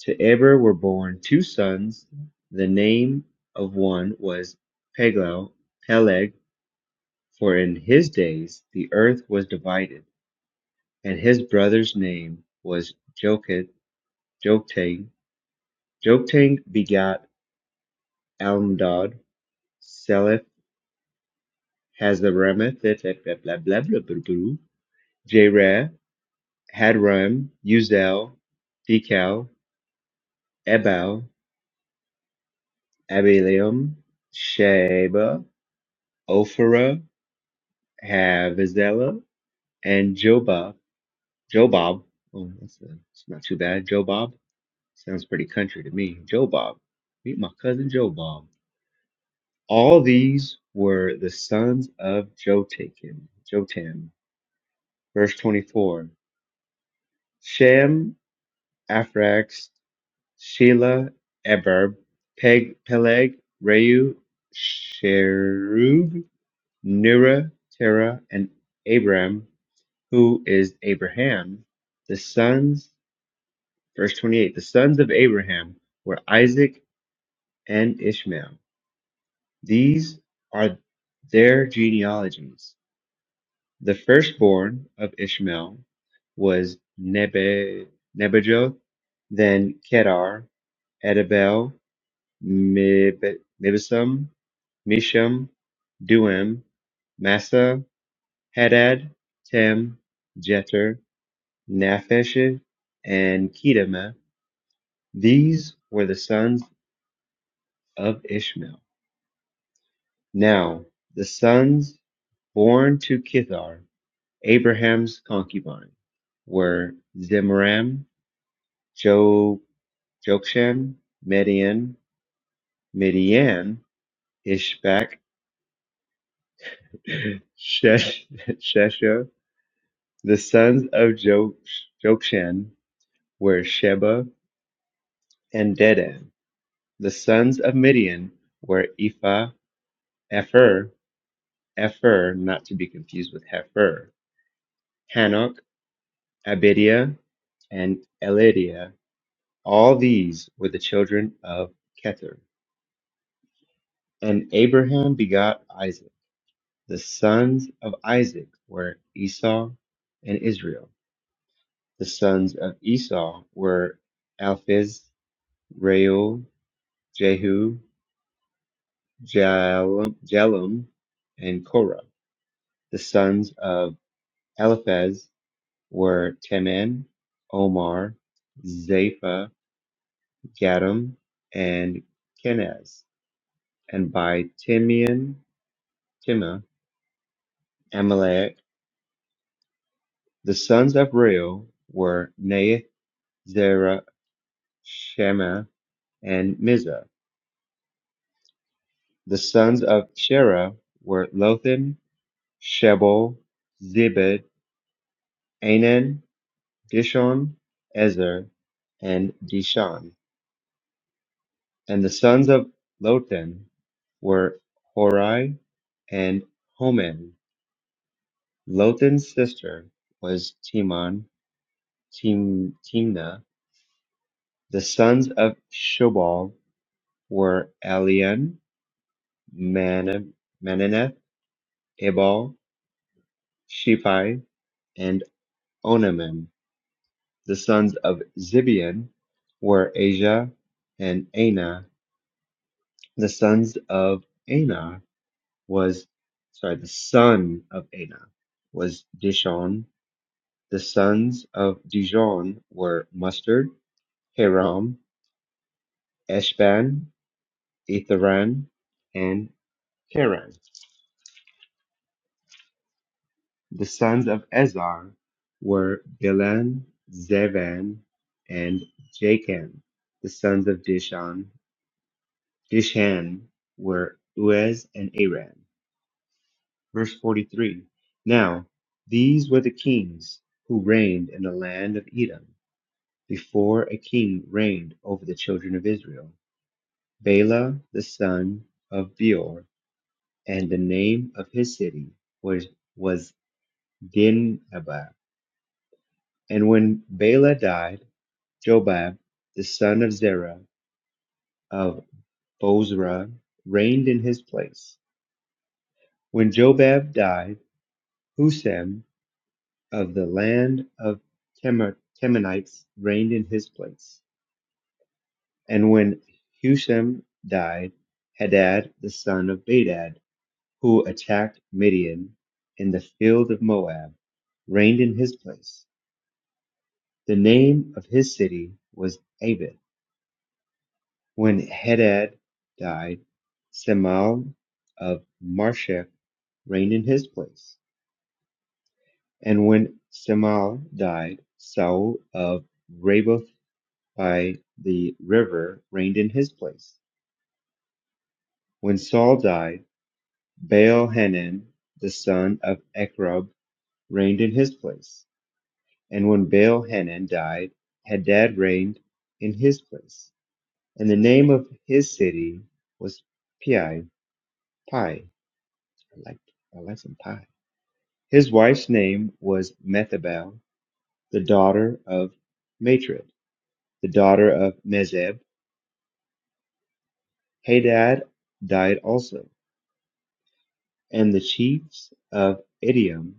L: To Eber were born two sons. The name of one was Peglau, Peleg, for in his days the earth was divided, and his brother's name was Joktan. Joktan, Joktang begot Almodad, Seleth has the Ramath, et- et- blah. that Jerah, Hadram, Uzel, Tekel, Ebal, Abilam, Sheba, Ophrah, Havizelah, and Jobab. Jobab. Oh, that's, uh that's not too bad. Jobab sounds pretty country to me. Jobab. Meet my cousin Jobab. All these were the sons of Jotakim. Jotam. Verse 24. Shem Afrax, Sheila, Eber, Peg, Peleg, Reu, Sherug, Nura, Terah, and Abram, who is Abraham. The sons, verse 28, the sons of Abraham were Isaac and Ishmael. These are their genealogies. The firstborn of Ishmael was Nebe, Nebajoth, then Kedar, Edabel, Mib- Mibsam, Misham, Duim, Massa, Hadad, Tem, Jeter, Naphesh, and Kedema. These were the sons of Ishmael. Now, the sons born to Kithar, Abraham's concubine, were Zimram, jo- Jokshan, Median, Midian, Ishbak, Shesh- Shesha, The sons of Jokshan were Sheba and Dedan. The sons of Midian were Ephah, Epher, Epher, not to be confused with Hefer, Hanok, Abidiah, and Elidiah. All these were the children of Ketur. And Abraham begot Isaac. The sons of Isaac were Esau and Israel. The sons of Esau were Alphiz, Reuel, Jehu, Jal- Jalum, and Korah. The sons of Eliphaz were Teman, Omar, Zapha, Gatam, and Kenaz. And by Timian, Timah, Amalek. The sons of Reu were Naith, Zerah, Shema, and Mizah. The sons of Sherah were Lothan, Shebel, Zebed, Anan, Dishon, Ezer, and Dishan. And the sons of Lotan were Horai and Homan. Lotan's sister was Timon, Tim, Timna. The sons of Shobal were Elian, Man, Mananeth, Ebal, Shephi, and Onaman. The sons of Zibeon were Asia and Ana. The sons of Ana was sorry, the son of Ana was Dishon. The sons of Dijon were Mustard, Haram, Eshban, Etharan, and Keran. The sons of Ezar were Bilan, Zevan, and Jakan. The sons of Dishon, Dishan were Uez and Aran. Verse 43. Now, these were the kings who reigned in the land of Edom Before a king reigned over the children of Israel, Bela the son of Beor, and the name of his city was was Dinhabah. And when Bela died, Jobab the son of Zerah of Bozrah reigned in his place. When Jobab died, Husam of the land of Temer- Temanites reigned in his place. And when Husam died, Hadad the son of Bedad who attacked Midian in the field of Moab, reigned in his place. The name of his city was Abed. When Hadad died, Semal of Marshek reigned in his place. And when Semal died, Saul of Raboth by the river reigned in his place. When Saul died, Baal Hanan, the son of Ecrob, reigned in his place. And when Baal-Hanan died, Hadad reigned in his place, and the name of his city was Pi. Pi. I like, I like some pie. His wife's name was Methabel, the daughter of Matred, the daughter of Mezeb. Hadad died also, and the chiefs of Idiom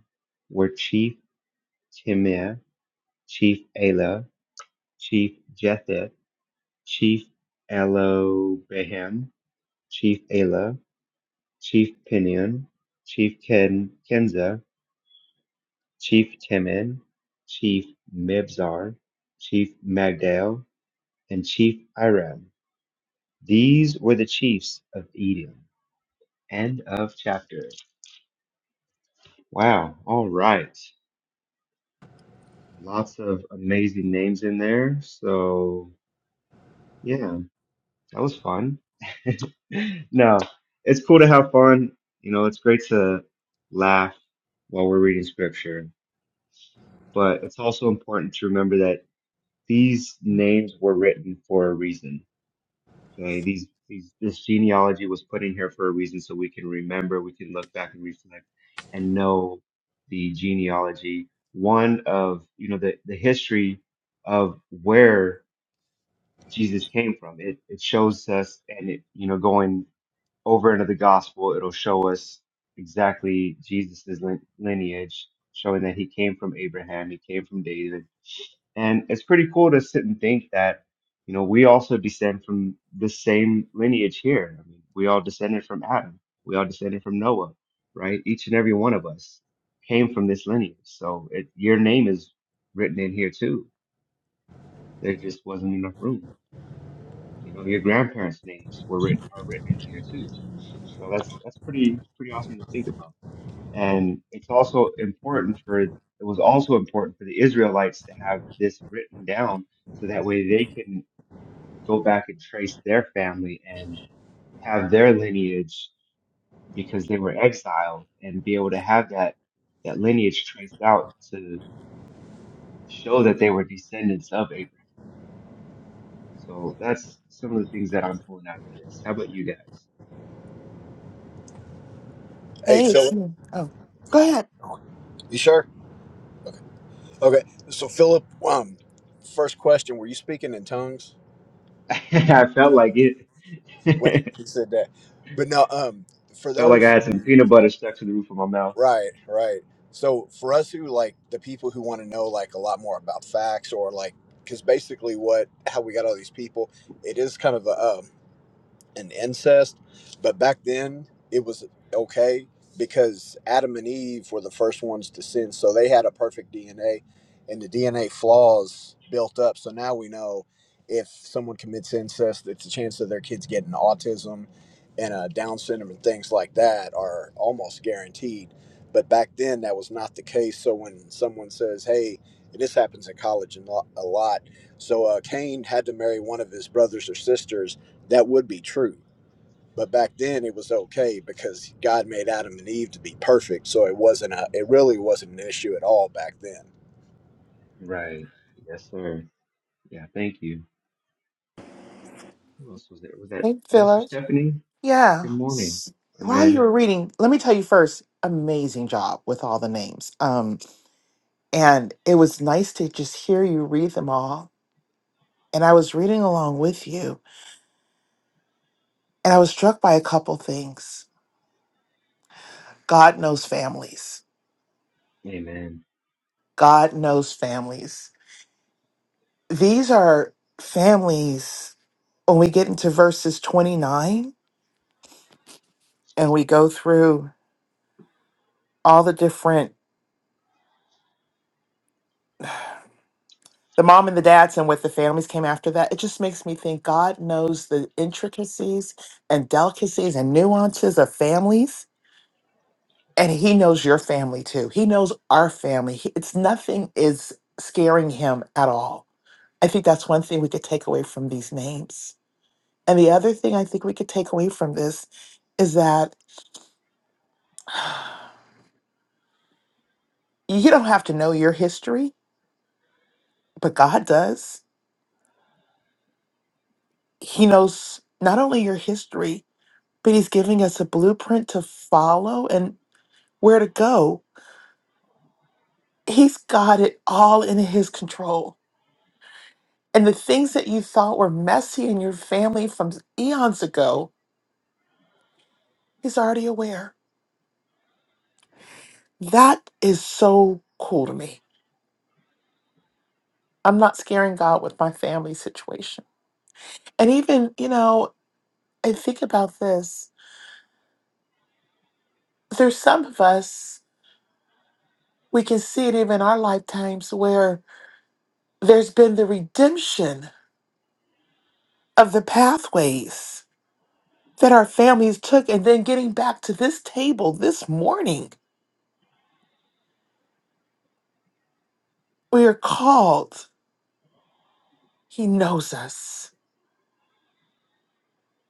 L: were chief Timnah, chief Elah, chief Jethet, chief Elobehem, Chief Ala, Chief Pinion, Chief Ken Kenza, Chief Temin, Chief Mibzar, Chief Magdal, and Chief Iram. These were the chiefs of Edom. End of chapter. Wow. All right. Lots of amazing names in there. So yeah, that was fun. no, it's cool to have fun. You know, it's great to laugh while we're reading scripture but it's also important to remember that these names were written for a reason. Okay, these, these this genealogy was put in here for a reason, so we can remember, we can look back and reflect, and know the genealogy. One of you know the the history of where Jesus came from. It it shows us, and it you know going over into the gospel, it'll show us exactly Jesus's lin- lineage, showing that he came from Abraham, he came from David, and it's pretty cool to sit and think that, you know, we also descend from the same lineage here. I mean, we all descended from Adam. We all descended from Noah, right? Each and every one of us came from this lineage. So it, your name is written in here too. There just wasn't enough room. You know, your grandparents' names were written are written in here too. So that's that's pretty pretty awesome to think about. And it's also important for it was also important for the Israelites to have this written down so that way they can go back and trace their family and have their lineage because they were exiled and be able to have that that lineage traced out to show that they were descendants of Abraham. So that's some of the things that I'm pulling out of this. How about you guys?
F: Hey,
B: Hey, it's
F: Philip,
B: me. Oh, go ahead.
F: you sure? Okay, so Philip, um, first question: Were you speaking in tongues?
L: I felt like it.
F: What he said that, but no. Um, for
L: felt like I
F: those
L: had some
F: who,
L: peanut butter stuck to the roof of my mouth.
F: right, right. So for us who like the people who want to know like a lot more about facts or like, because basically what how we got all these people, it is kind of a um, and incest. But back then, it was okay because Adam and Eve were the first ones to sin. So they had a perfect DNA, and the DNA flaws built up. So now we know if someone commits incest, it's a chance of their kids getting autism and uh, Down syndrome and things like that are almost guaranteed. But back then, that was not the case. So when someone says, hey, and this happens in college a lot, a lot. So uh, Cain had to marry one of his brothers or sisters that would be true. But back then it was okay because God made Adam and Eve to be perfect, so it wasn't a, it really wasn't an issue at all back then.
L: Right. Yes, sir. Yeah, thank you. Who else was there? Was that
B: Hey,
L: Minister
B: Phyllis.
L: Stephanie?
B: Yeah.
L: Good morning.
B: S-
L: And
B: While you
L: then,
B: were reading, let me tell you first, amazing job with all the names. Um, and it was nice to just hear you read them all. And I was reading along with you And I was struck by a couple things. God knows families.
L: amen.
B: God knows families. These are families when we get into verses 29 and we go through all the different the mom and the dads and what the families came after that it just makes me think god knows the intricacies and delicacies and nuances of families and he knows your family too he knows our family He- it's nothing is scaring him at all I think that's one thing we could take away from these names. And the other thing I think we could take away from this is that you don't have to know your history, but God does. He knows not only your history, but He's giving us a blueprint to follow and where to go. He's got it all in His control. And the things that you thought were messy in your family from eons ago, He's already aware. That is so cool to me I'm not scaring God with my family situation. And even, you know, I think about this. There's some of us, we can see it even in our lifetimes where there's been the redemption of the pathways that our families took and then getting back to this table this morning. We are called. He knows us.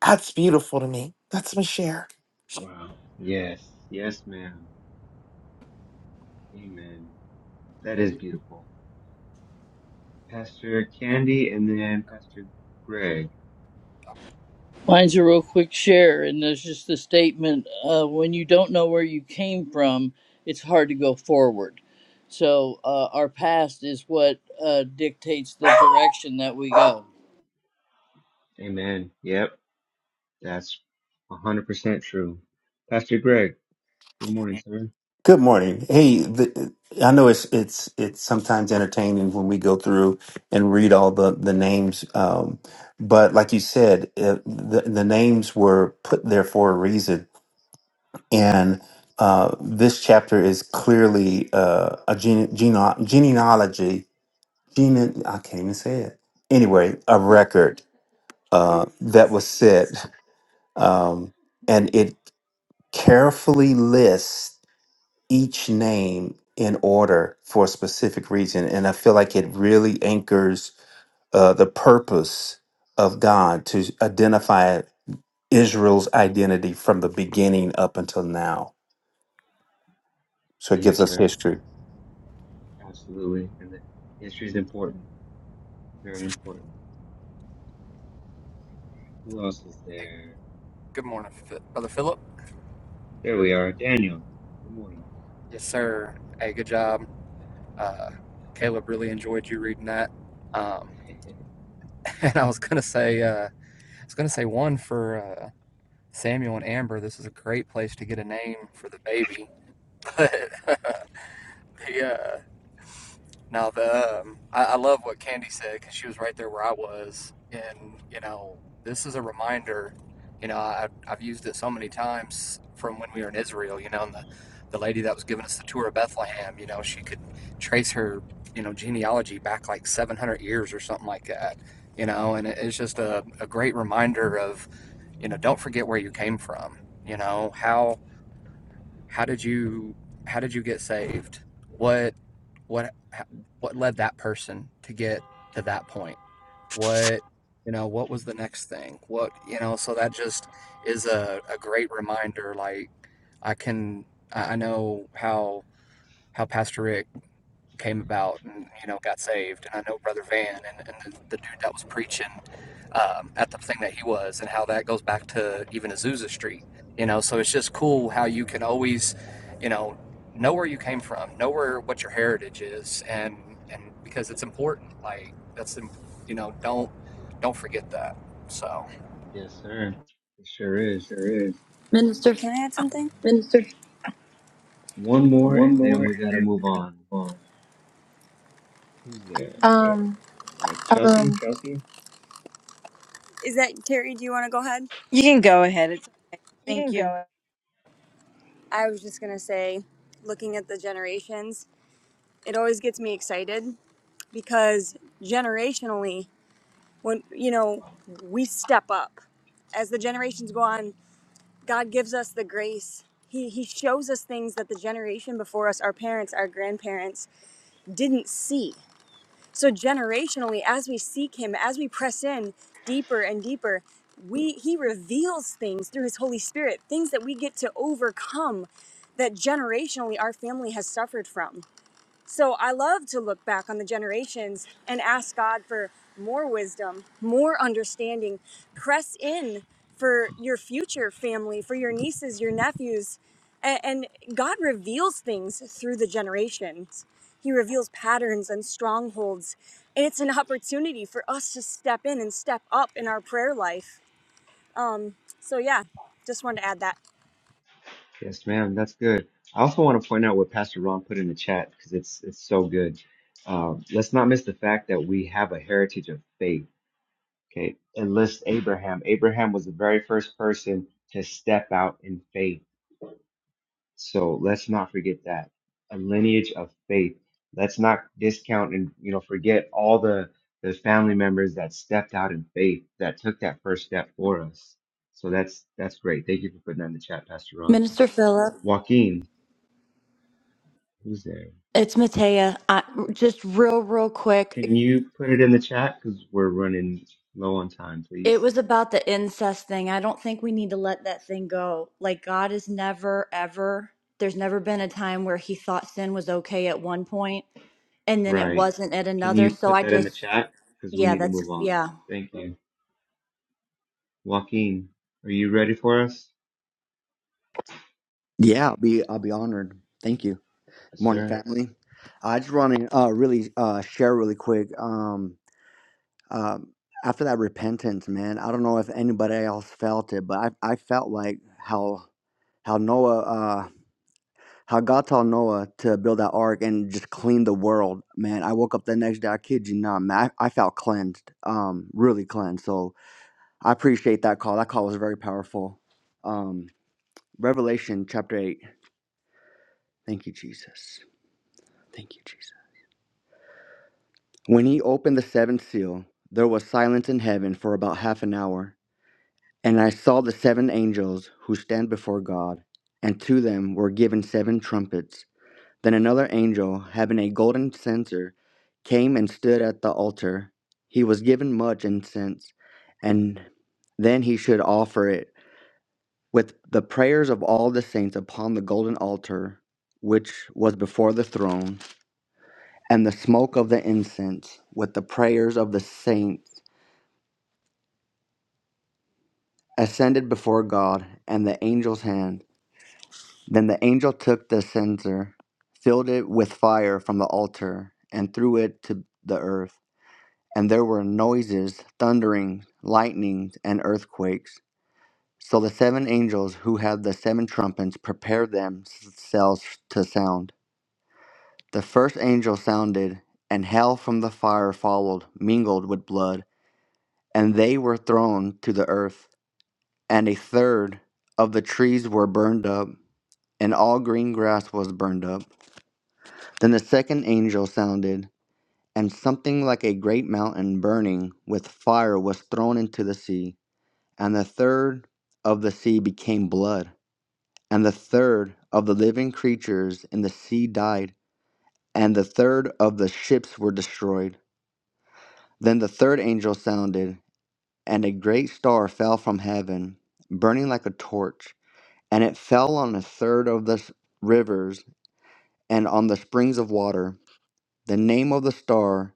B: That's beautiful to me. That's my share.
L: Wow. Yes. Yes, ma'am. Amen. That is beautiful. Pastor Candy and then Pastor Greg.
K: Mine's a real quick share, and there's just the statement: uh, when you don't know where you came from, it's hard to go forward. So uh, our past is what uh, dictates the direction that we go.
L: Amen. Yep. That's 100% true. Pastor Greg, good morning, sir.
H: Good morning. Hey, the, I know it's it's it's sometimes entertaining when we go through and read all the the names, um, but like you said, uh the the names were put there for a reason, and uh, this chapter is clearly uh, a gene, gene, genealogy. Gene, I can't even say it. Anyway, a record uh, that was set, um, and it carefully lists each name in order for a specific reason. And I feel like it really anchors uh, the purpose of God to identify Israel's identity from the beginning up until now. So it gives
L: Yes,
H: us
L: sir.
H: history.
L: Absolutely. And the history is important. Very important. All right. Who else is there?
M: Good morning, Brother Philip.
L: There we are. Daniel. Good morning.
M: Yes, sir. Hey, good job. Uh, Caleb really enjoyed you reading that. Um, and I was gonna say, uh, I was gonna say one for uh, Samuel and Amber. This is a great place to get a name for the baby, but the uh, Now the um, I, I love what Candy said because she was right there where I was, and you know this is a reminder. You know I, I've used it so many times from when we were in Israel. You know, and the the lady that was giving us the tour of Bethlehem. You know, she could trace her you know genealogy back like 700 years or something like that. You know, and it, it's just a, a great reminder of you know don't forget where you came from. You know how how did you how did you get saved? What what what led that person to get to that point? What you know what was the next thing? What you know so that just is a, a great reminder. Like I can I know how how Pastor Rick came about and you know got saved and i know brother van and, and the, the dude that was preaching um, at the thing that he was and how that goes back to even azusa street you know so it's just cool how you can
L: Right.
M: always you know know where you came from know where what your heritage is and and because it's important like that's you know don't don't forget that so
L: Yes, sir. It sure is.
N: Sure is.
O: Minister
N: Can I add something?
L: One more,
N: One
L: and then
N: more,
L: we
N: and
L: got to
N: then
L: move
N: we gotta
L: on.
N: move on.
L: Who's there?
N: Yeah.
P: Um,
L: Uh, Chelsea?
N: Kelsey? Is that Terry? Do you want to go ahead?
E: you can go ahead it's,
N: You
E: thank
N: can
E: you
N: go. I was just gonna say, looking at the generations, it always gets me excited because generationally, when you know we step up, as the generations go on, God gives us the grace. He, he shows us things that the generation before us, our parents, our grandparents, didn't see. So generationally, as we seek him, as we press in deeper and deeper, we he reveals things through his Holy Spirit, things that we get to overcome that generationally our family has suffered from. So I love to look back on the generations and ask God for more wisdom, more understanding. Press in for your future family, for your nieces, your nephews. A- And God reveals things through the generations. He reveals patterns and strongholds. And it's an opportunity for us to step in and step up in our prayer life. Um, so, yeah, just wanted to add that.
L: Yes, ma'am. That's good. I also want to point out what Pastor Ron put in the chat because it's it's so good. Uh, let's not miss the fact that we have a heritage of faith. Okay, it lists Abraham. Abraham was the very first person to step out in faith. So let's not forget that a lineage of faith. Let's not discount and you know forget all the the family members that stepped out in faith that took that first step for us. So that's that's great. Thank you for putting that in the chat, Pastor Ron.
O: Minister Philip,
L: Joaquin, who's there?
O: it's Matea. I, just real, real quick.
L: Can you put it in the chat? Because we're running low on time,
O: It
L: please.
O: was about the incest thing. I don't think we need to let that thing go. Like God is never, ever. There's never been a time where He thought sin was okay at one point, and then it
L: Right.
O: wasn't at
L: Can
O: another.
L: you
O: So
L: put
O: I
L: that in the
O: just,
L: chat? Because we
O: yeah,
L: need to move
O: that's
L: on.
O: yeah.
L: Thank you. Joaquin, are you ready for us?
Q: Yeah, I'll be I'll be honored. Thank you.
L: Thank you,
Q: morning,
L: sir.
Q: family. I just want to uh, really uh, share really quick. Um, um, after that repentance, man, I don't know if anybody else felt it, but I, I felt like how how Noah uh, how God told Noah to build that ark and just clean the world, man. I woke up the next day. I kid you not, man. I, I felt cleansed, um, really cleansed. So I appreciate that call. That call was very powerful. Um, Revelation chapter eight. Thank you, Jesus. Thank you, Jesus. When he opened the seventh seal, there was silence in heaven for about half an hour. And I saw the seven angels who stand before God, and to them were given seven trumpets. Then another angel, having a golden censer, came and stood at the altar. He was given much incense, and then he should offer it with the prayers of all the saints upon the golden altar, which was before the throne, and the smoke of the incense with the prayers of the saints ascended before God and the angel's hand. Then the angel took the censer, filled it with fire from the altar, and threw it to the earth. And there were noises, thunderings, lightnings, and earthquakes. So the seven angels who had the seven trumpets prepared themselves to sound. The first angel sounded, and hail from the fire followed, mingled with blood, and they were thrown to the earth. And a third of the trees were burned up and all green grass was burned up. Then the second angel sounded, and something like a great mountain burning with fire was thrown into the sea. And the third of the sea became blood, and the third of the living creatures in the sea died, and the third of the ships were destroyed. Then the third angel sounded, and a great star fell from heaven, burning like a torch, and it fell on a third of the s- rivers and on the springs of water The name of the star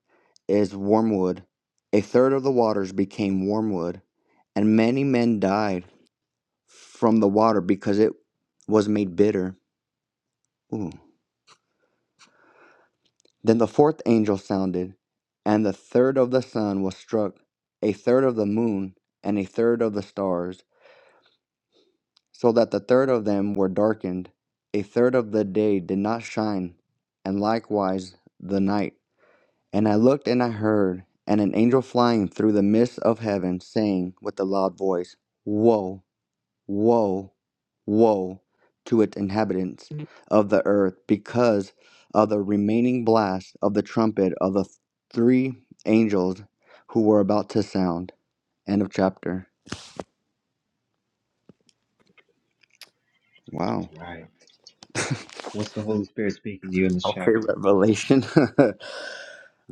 Q: is Wormwood. A third of the waters became wormwood, and many men died from the water because it was made bitter. Ooh. Then the fourth angel sounded, and the third of the sun was struck, a third of the moon, and a third of the stars, so that the third of them were darkened. A third of the day did not shine, and likewise the night. And I looked and I heard, and an angel flying through the midst of heaven, saying with a loud voice, Woe, woe, woe to its inhabitants of the earth, because of the remaining blast of the trumpet of the three angels who were about to sound. End of chapter. Wow.
L: All right. What's the Holy Spirit speaking to you in this
Q: Okay,
L: chapter?
Q: Revelation.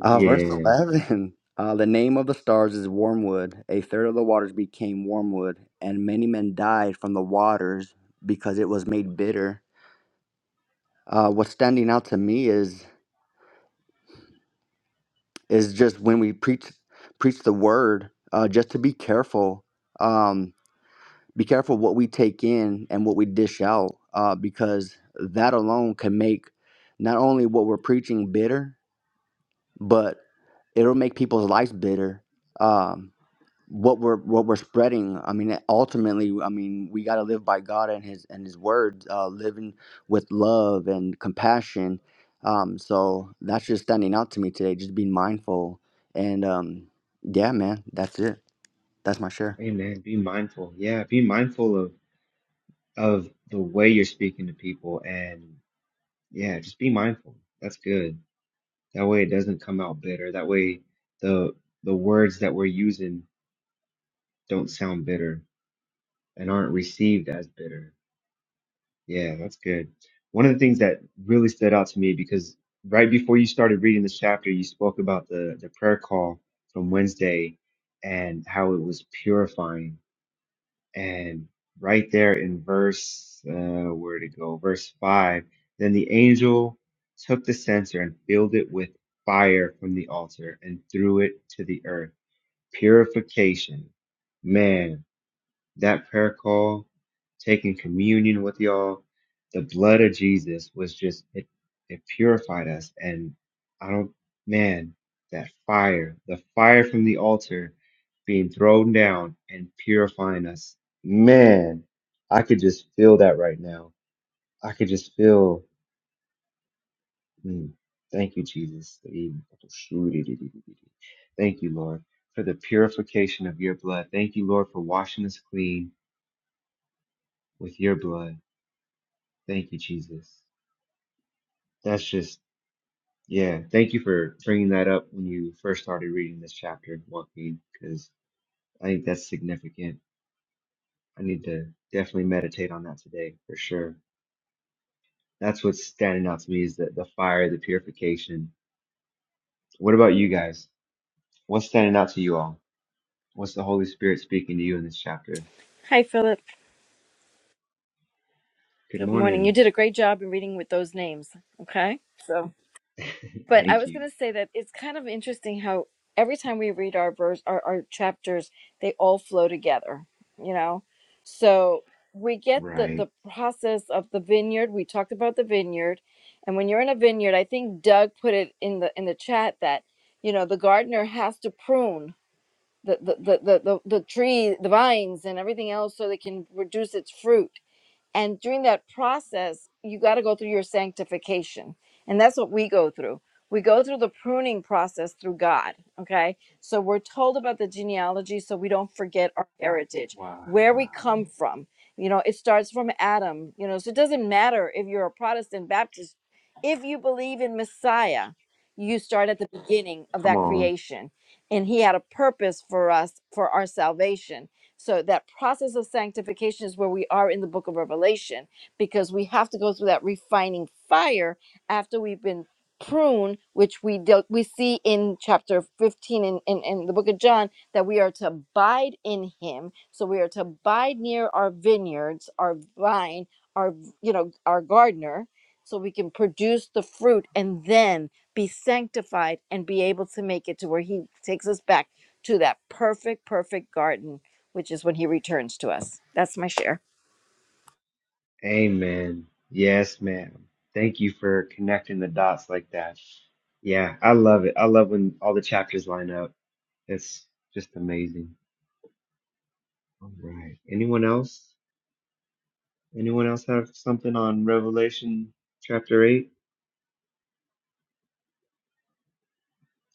Q: Uh, verse 11 uh, The name of the stars is wormwood. A third of the waters became wormwood, and many men died from the waters because it was made bitter. Uh, what's standing out to me is is just when we preach preach the word, uh, just to be careful. Um, be careful what we take in and what we dish out, uh, because that alone can make not only what we're preaching bitter, but it'll make people's lives bitter. Um, what we're what we're spreading i mean ultimately i mean we got to live by god and his and his words. uh living with love and compassion um so that's just standing out to me today just being mindful and um yeah man that's it that's my share
L: Amen. Be mindful. Yeah. Be mindful of, of the way you're speaking to people. And yeah, just be mindful. That's good. That way it doesn't come out bitter. That way the, the words that we're using don't sound bitter and aren't received as bitter. Yeah, that's good. One of the things that really stood out to me because right before you started reading this chapter, you spoke about the, the prayer call from Wednesday and how it was purifying. And right there in verse, uh, where to go? Verse five. Then the angel took the censer and filled it with fire from the altar and threw it to the earth. Purification. Man, that prayer call, taking communion with y'all, the blood of Jesus was just it it purified us and I don't man, that fire, the fire from the altar being thrown down and purifying us. Man, I could just feel that right now. I could just feel mm, thank you, Jesus. Thank you, Lord, for the purification of your blood. Thank you, Lord, for washing us clean with your blood. Thank you, Jesus. That's just, yeah. Thank you for bringing that up when you first started reading this chapter and walking, because I think that's significant. I need to definitely meditate on that today for sure. That's what's standing out to me is the, the fire, the purification. What about you guys? What's standing out to you all? What's the Holy Spirit speaking to you in this chapter?
E: hi philip
L: Good
E: good morning you
L: morning.
E: did a great job in reading with those names okay so But I
L: Thank
E: was
L: you.
E: going to say that it's kind of interesting how every time we read our verse, our, our chapters, they all flow together, you know? So we get the,
L: Right.
E: the process of the vineyard. We talked about the vineyard. And when you're in a vineyard, I think Doug put it in the in the chat that, you know, the gardener has to prune the the, the, the, the, the tree, the vines and everything else so they can reduce its fruit and during that process, you got to go through your sanctification. And that's what we go through. We go through the pruning process through God. Okay. So we're told about the genealogy so we don't forget our heritage,
L: Wow.
E: where we come from. You know, it starts from Adam, you know, so it doesn't matter if you're a Protestant, Baptist, if you believe in Messiah, you start at the beginning of
L: Come
E: that
L: on.
E: creation. And he had a purpose for us for our salvation so that process of sanctification is where we are in the book of Revelation because we have to go through that refining fire after we've been pruned, which we dealt, we see in chapter 15 in, in, in the book of John that we are to abide in him. So we are to abide near our vineyards, our vine, our you know, our gardener, so we can produce the fruit and then be sanctified and be able to make it to where he takes us back to that perfect, perfect garden which is when he returns to us. That's my share.
L: Amen. Yes, ma'am. Thank you for connecting the dots like that. Yeah, I love it. I love when all the chapters line up. It's just amazing. All right. Anyone else? Anyone else have something on Revelation chapter 8?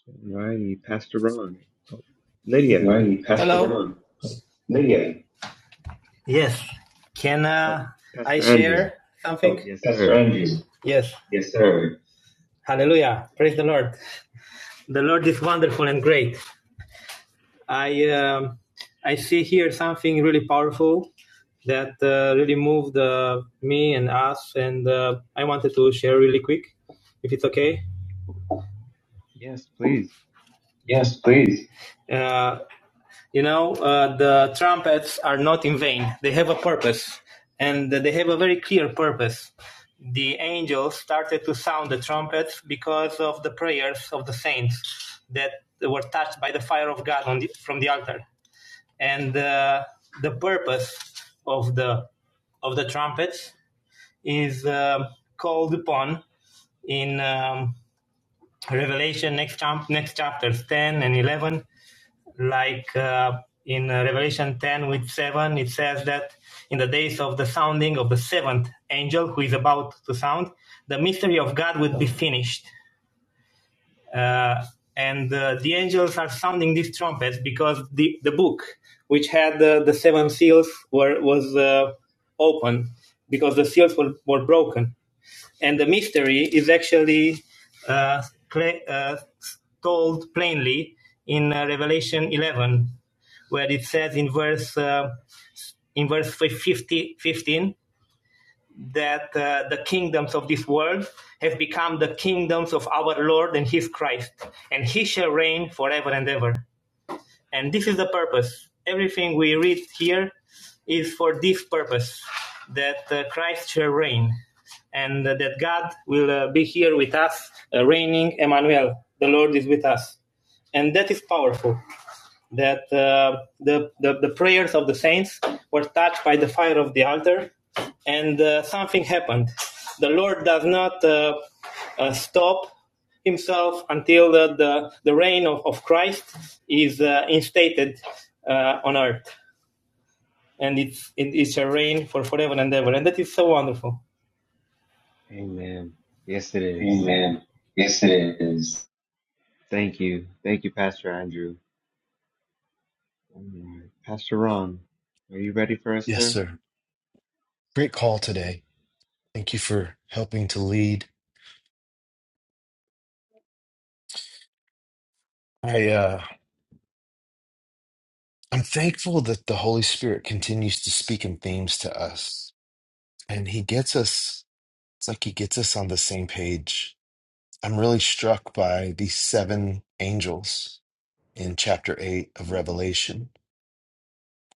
L: All righty. Pastor Ron. Oh, Lydia.
R: Well, Hello? Lydia, Yes. Can
L: Oh,
R: uh, I
L: Pastor Andrew.
R: share something? Oh,
L: Yes,
R: Pastor
L: sir.
R: Andrew. Yes. Yes, sir. Hallelujah. Praise the Lord. The Lord is wonderful and great. I um, I see here something really powerful that uh, really moved uh, me and us, and uh, I wanted to share really quick, if it's okay.
L: Yes, please.
R: Yes, please. Uh, You know, uh, the trumpets are not in vain. They have a purpose, and they have a very clear purpose. The angels started to sound the trumpets because of the prayers of the saints that were touched by the fire of God on the, from the altar. And uh, the purpose of the of the trumpets is um called upon in um, Revelation next, chap- next chapters 10 and 11 like uh, in uh, Revelation 10 with 7, it says that in the days of the sounding of the seventh angel who is about to sound, the mystery of God would be finished. Uh, and uh, the angels are sounding these trumpets because the, the book, which had uh, the seven seals, were, was uh, open because the seals were, were broken and the mystery is actually uh, cla- uh, told plainly in uh, Revelation 11, where it says in verse uh, in verse 50, 15 that uh, the kingdoms of this world have become the kingdoms of our Lord and His Christ, and He shall reign forever and ever. And this is the purpose. Everything we read here is for this purpose that uh, Christ shall reign and uh, that God will uh, be here with us, uh, reigning Emmanuel. The Lord is with us and that is powerful that uh, the, the, the prayers of the saints were touched by the fire of the altar and uh, something happened the lord does not uh, uh, stop himself until the, the, the reign of, of christ is uh, instated uh, on earth and it's, it, it shall reign for forever and ever and that is so wonderful
L: Amen. Yes, it is.
R: Amen. Yes, it is.
L: Thank you. Thank you, Pastor Andrew. All right. Pastor Ron, are you ready for us,
A: yes,
L: sir?
A: sir. Great call today. Thank you for helping to lead. I uh I'm thankful that the Holy Spirit continues to speak in themes to us and he gets us it's like he gets us on the same page. I'm really struck by these seven angels in chapter 8 of Revelation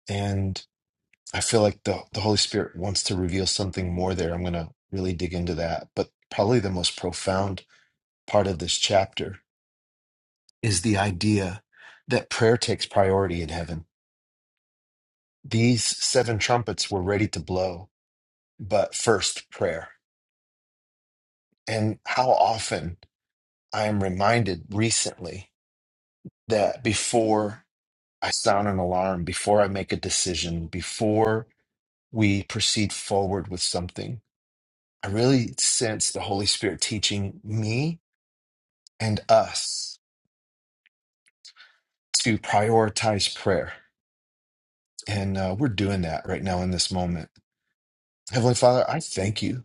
A: and I feel like the the Holy Spirit wants to reveal something more there. I'm going to really dig into that, but probably the most profound part of this chapter is the idea that prayer takes priority in heaven These seven trumpets were ready to blow, but first prayer. And how often I am reminded recently that before I sound an alarm, before I make a decision, before we proceed forward with something, I really sense the Holy Spirit teaching me and us to prioritize prayer. And uh, we're doing that right now in this moment. Heavenly Father, I thank you.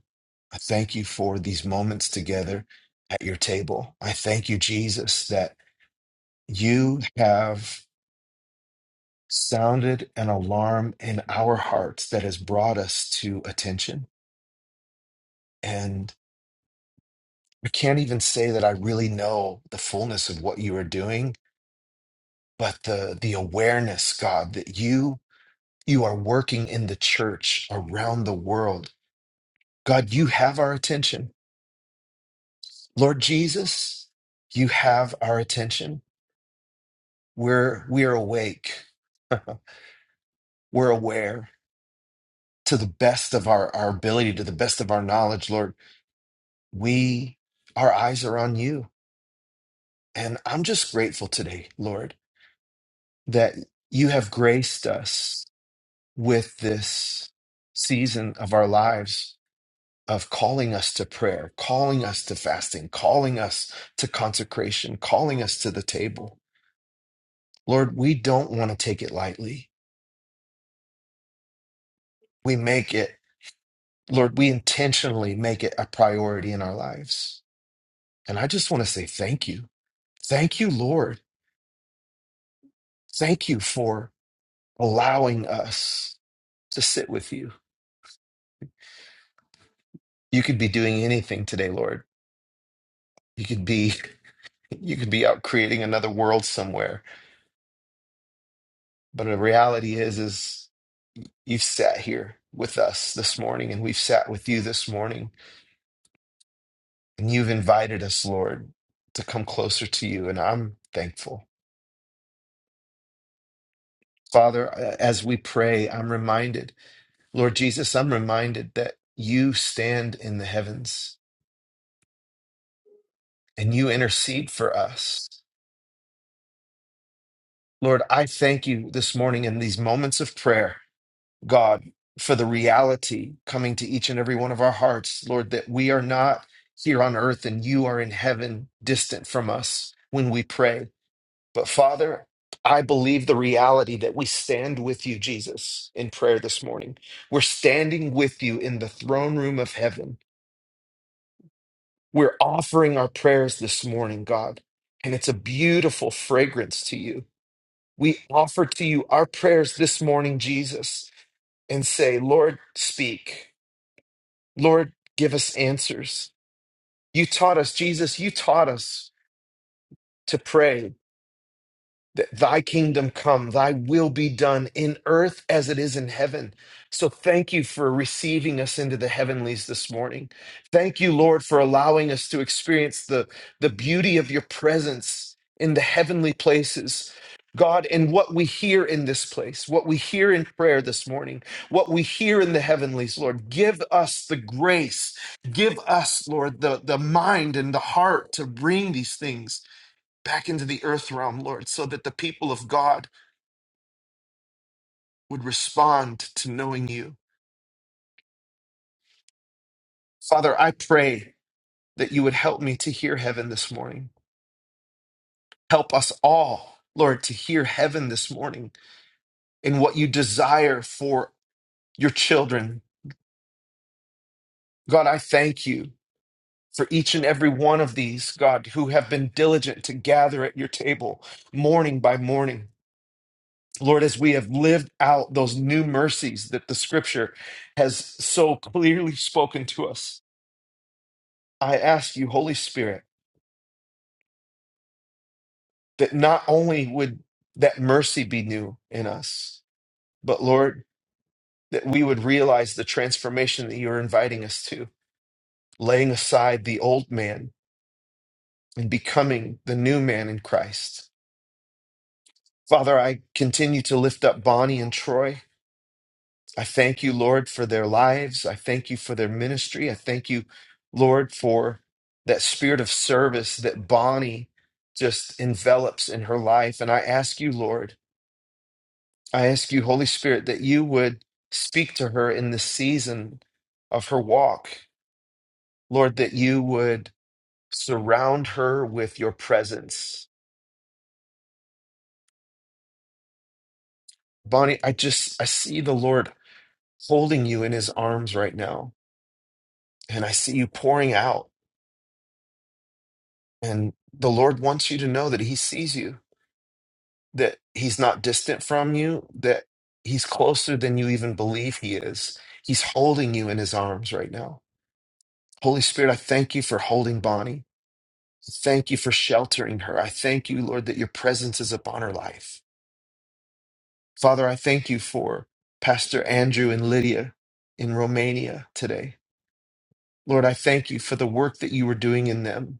A: I thank you for these moments together at your table. I thank you, Jesus, that you have sounded an alarm in our hearts that has brought us to attention. And I can't even say that I really know the fullness of what you are doing, but the the awareness, God, that you you are working in the church around the world. God, you have our attention. Lord Jesus, you have our attention We're we're awake. We're aware to the best of our, our ability, to the best of our knowledge, Lord. We our eyes are on you. And I'm just grateful today, Lord, that you have graced us with this season of our lives of calling us to prayer, calling us to fasting, calling us to consecration, calling us to the table. Lord, we don't want to take it lightly. We make it Lord, we intentionally make it a priority in our lives. And I just want to say thank you. Thank you, Lord. Thank you for allowing us to sit with you. You could be doing anything today, Lord. You could be you could be out creating another world somewhere. But the reality is is you've sat here with us this morning and we've sat with you this morning and you've invited us, Lord, to come closer to you and I'm thankful. Father, as we pray, I'm reminded Lord Jesus, I'm reminded that you stand in the heavens and you intercede for us. Lord, I thank you this morning in these moments of prayer, God, for the reality coming to each and every one of our hearts, Lord, that we are not here on earth and you are in heaven, distant from us when we pray. But Father, I believe the reality that we stand with you, Jesus, in prayer this morning. We're standing with you in the throne room of heaven We're offering our prayers this morning, God, and it's a beautiful fragrance to you. We offer to you our prayers this morning, Jesus, and say, Lord, speak. Lord, give us answers. You taught us, Jesus, you taught us to pray Th- Thy kingdom come, thy will be done in earth as it is in heaven. So thank you for receiving us into the heavenlies this morning. Thank you, Lord, for allowing us to experience the, the beauty of your presence in the heavenly places. God, and what we hear in this place, what we hear in prayer this morning, what we hear in the heavenlies, Lord, give us the grace, give us, Lord, the, the mind and the heart to bring these things back into the earth realm, Lord, so that the people of God would respond to knowing you. Father, I pray that you would help me to hear heaven this morning. Help us all, Lord, to hear heaven this morning in what you desire for your children. God, I thank you for each and every one of these, God, who have been diligent to gather at your table morning by morning. Lord, as we have lived out those new mercies that the scripture has so clearly spoken to us, I ask you, Holy Spirit, that not only would that mercy be new in us, but Lord, that we would realize the transformation that you're inviting us to, laying aside the old man and becoming the new man in Christ. Father, I continue to lift up Bonnie and Troy. I thank you, Lord, for their lives. I thank you for their ministry. I thank you, Lord, for that spirit of service that Bonnie just envelops in her life. And I ask you, Lord, I ask you, Holy Spirit, that you would speak to her in this season of her walk. Lord, that you would surround her with your presence. Bonnie, I just, I see the Lord holding you in his arms right now, and I see you pouring out. And the Lord wants you to know that he sees you, that he's not distant from you, that he's closer than you even believe he is. He's holding you in his arms right now. Holy Spirit, I thank you for holding Bonnie. Thank you for sheltering her. I thank you, Lord, that your presence is upon her life. Father, I thank you for Pastor Andrew and Lydia in Romania today. Lord, I thank you for the work that you were doing in them.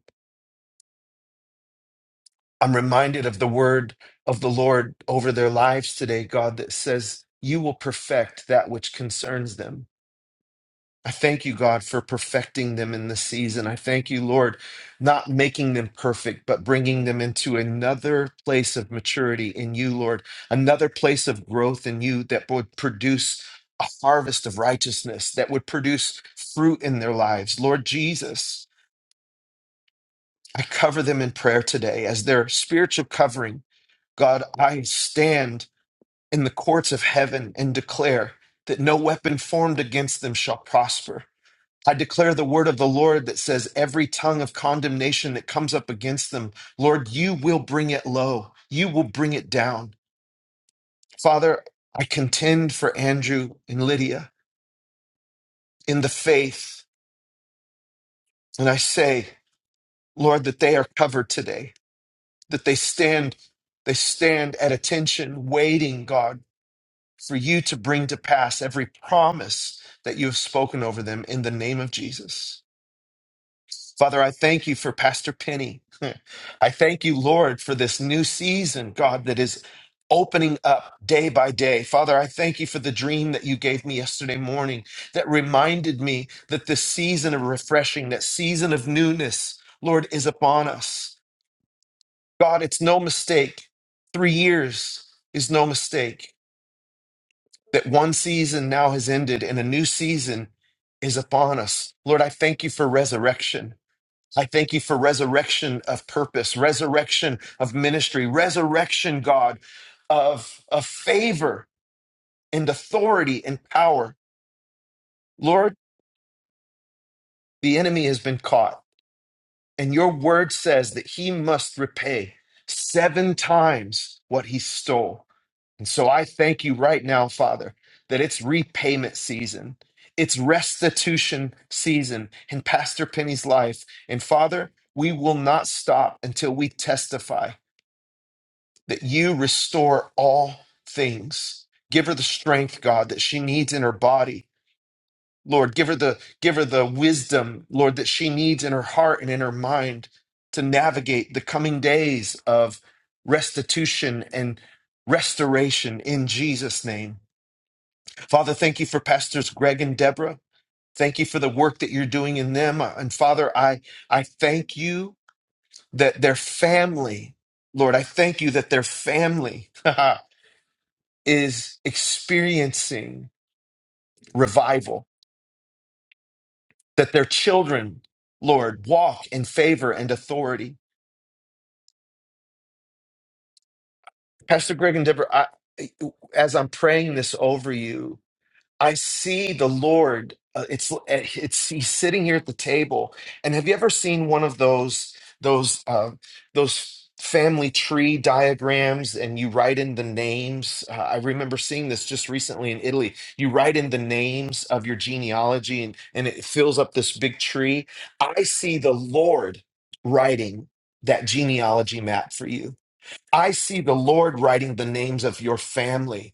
A: I'm reminded of the word of the Lord over their lives today, God, that says, You will perfect that which concerns them. I thank you, God, for perfecting them in this season. I thank you, Lord, not making them perfect, but bringing them into another place of maturity in you, Lord, another place of growth in you that would produce a harvest of righteousness, that would produce fruit in their lives. Lord Jesus, I cover them in prayer today as their spiritual covering. God, I stand in the courts of heaven and declare that no weapon formed against them shall prosper I declare the word of the Lord that says, every tongue of condemnation that comes up against them, Lord, you will bring it low. You will bring it down. Father, I contend for Andrew and Lydia in the faith. And I say, Lord, that they are covered today, that they stand, they stand at attention, waiting, God, for you to bring to pass every promise that you have spoken over them in the name of Jesus. Father, I thank you for Pastor Penny. I thank you, Lord, for this new season, God, that is opening up day by day. Father, I thank you for the dream that you gave me yesterday morning that reminded me that this season of refreshing, that season of newness, Lord, is upon us. God, it's no mistake. Three years is no mistake that one season now has ended and a new season is upon us. Lord, I thank you for resurrection. I thank you for resurrection of purpose, resurrection of ministry, resurrection, God, of, of favor and authority and power. Lord, the enemy has been caught, and your word says that he must repay seven times what he stole. And so I thank you right now, Father, that it's repayment season. It's restitution season in Pastor Penny's life. And Father, we will not stop until we testify that you restore all things. Give her the strength, God, that she needs in her body. Lord, give her the give her the wisdom, Lord, that she needs in her heart and in her mind to navigate the coming days of restitution and restoration in Jesus' name. Father, thank you for pastors Greg and Deborah. Thank you for the work that you're doing in them. And Father, I I thank you that their family, Lord, I thank you that their family is experiencing revival, that their children, Lord, walk in favor and authority. Pastor Greg and Deborah, I, as I'm praying this over you, I see the Lord. Uh, it's eh, it's he's sitting here at the table. And have you ever seen one of those those uh, those family tree diagrams? And you write in the names. Uh, I remember seeing this just recently in Italy. You write in the names of your genealogy, and and it fills up this big tree. I see the Lord writing that genealogy map for you. I see the Lord writing the names of your family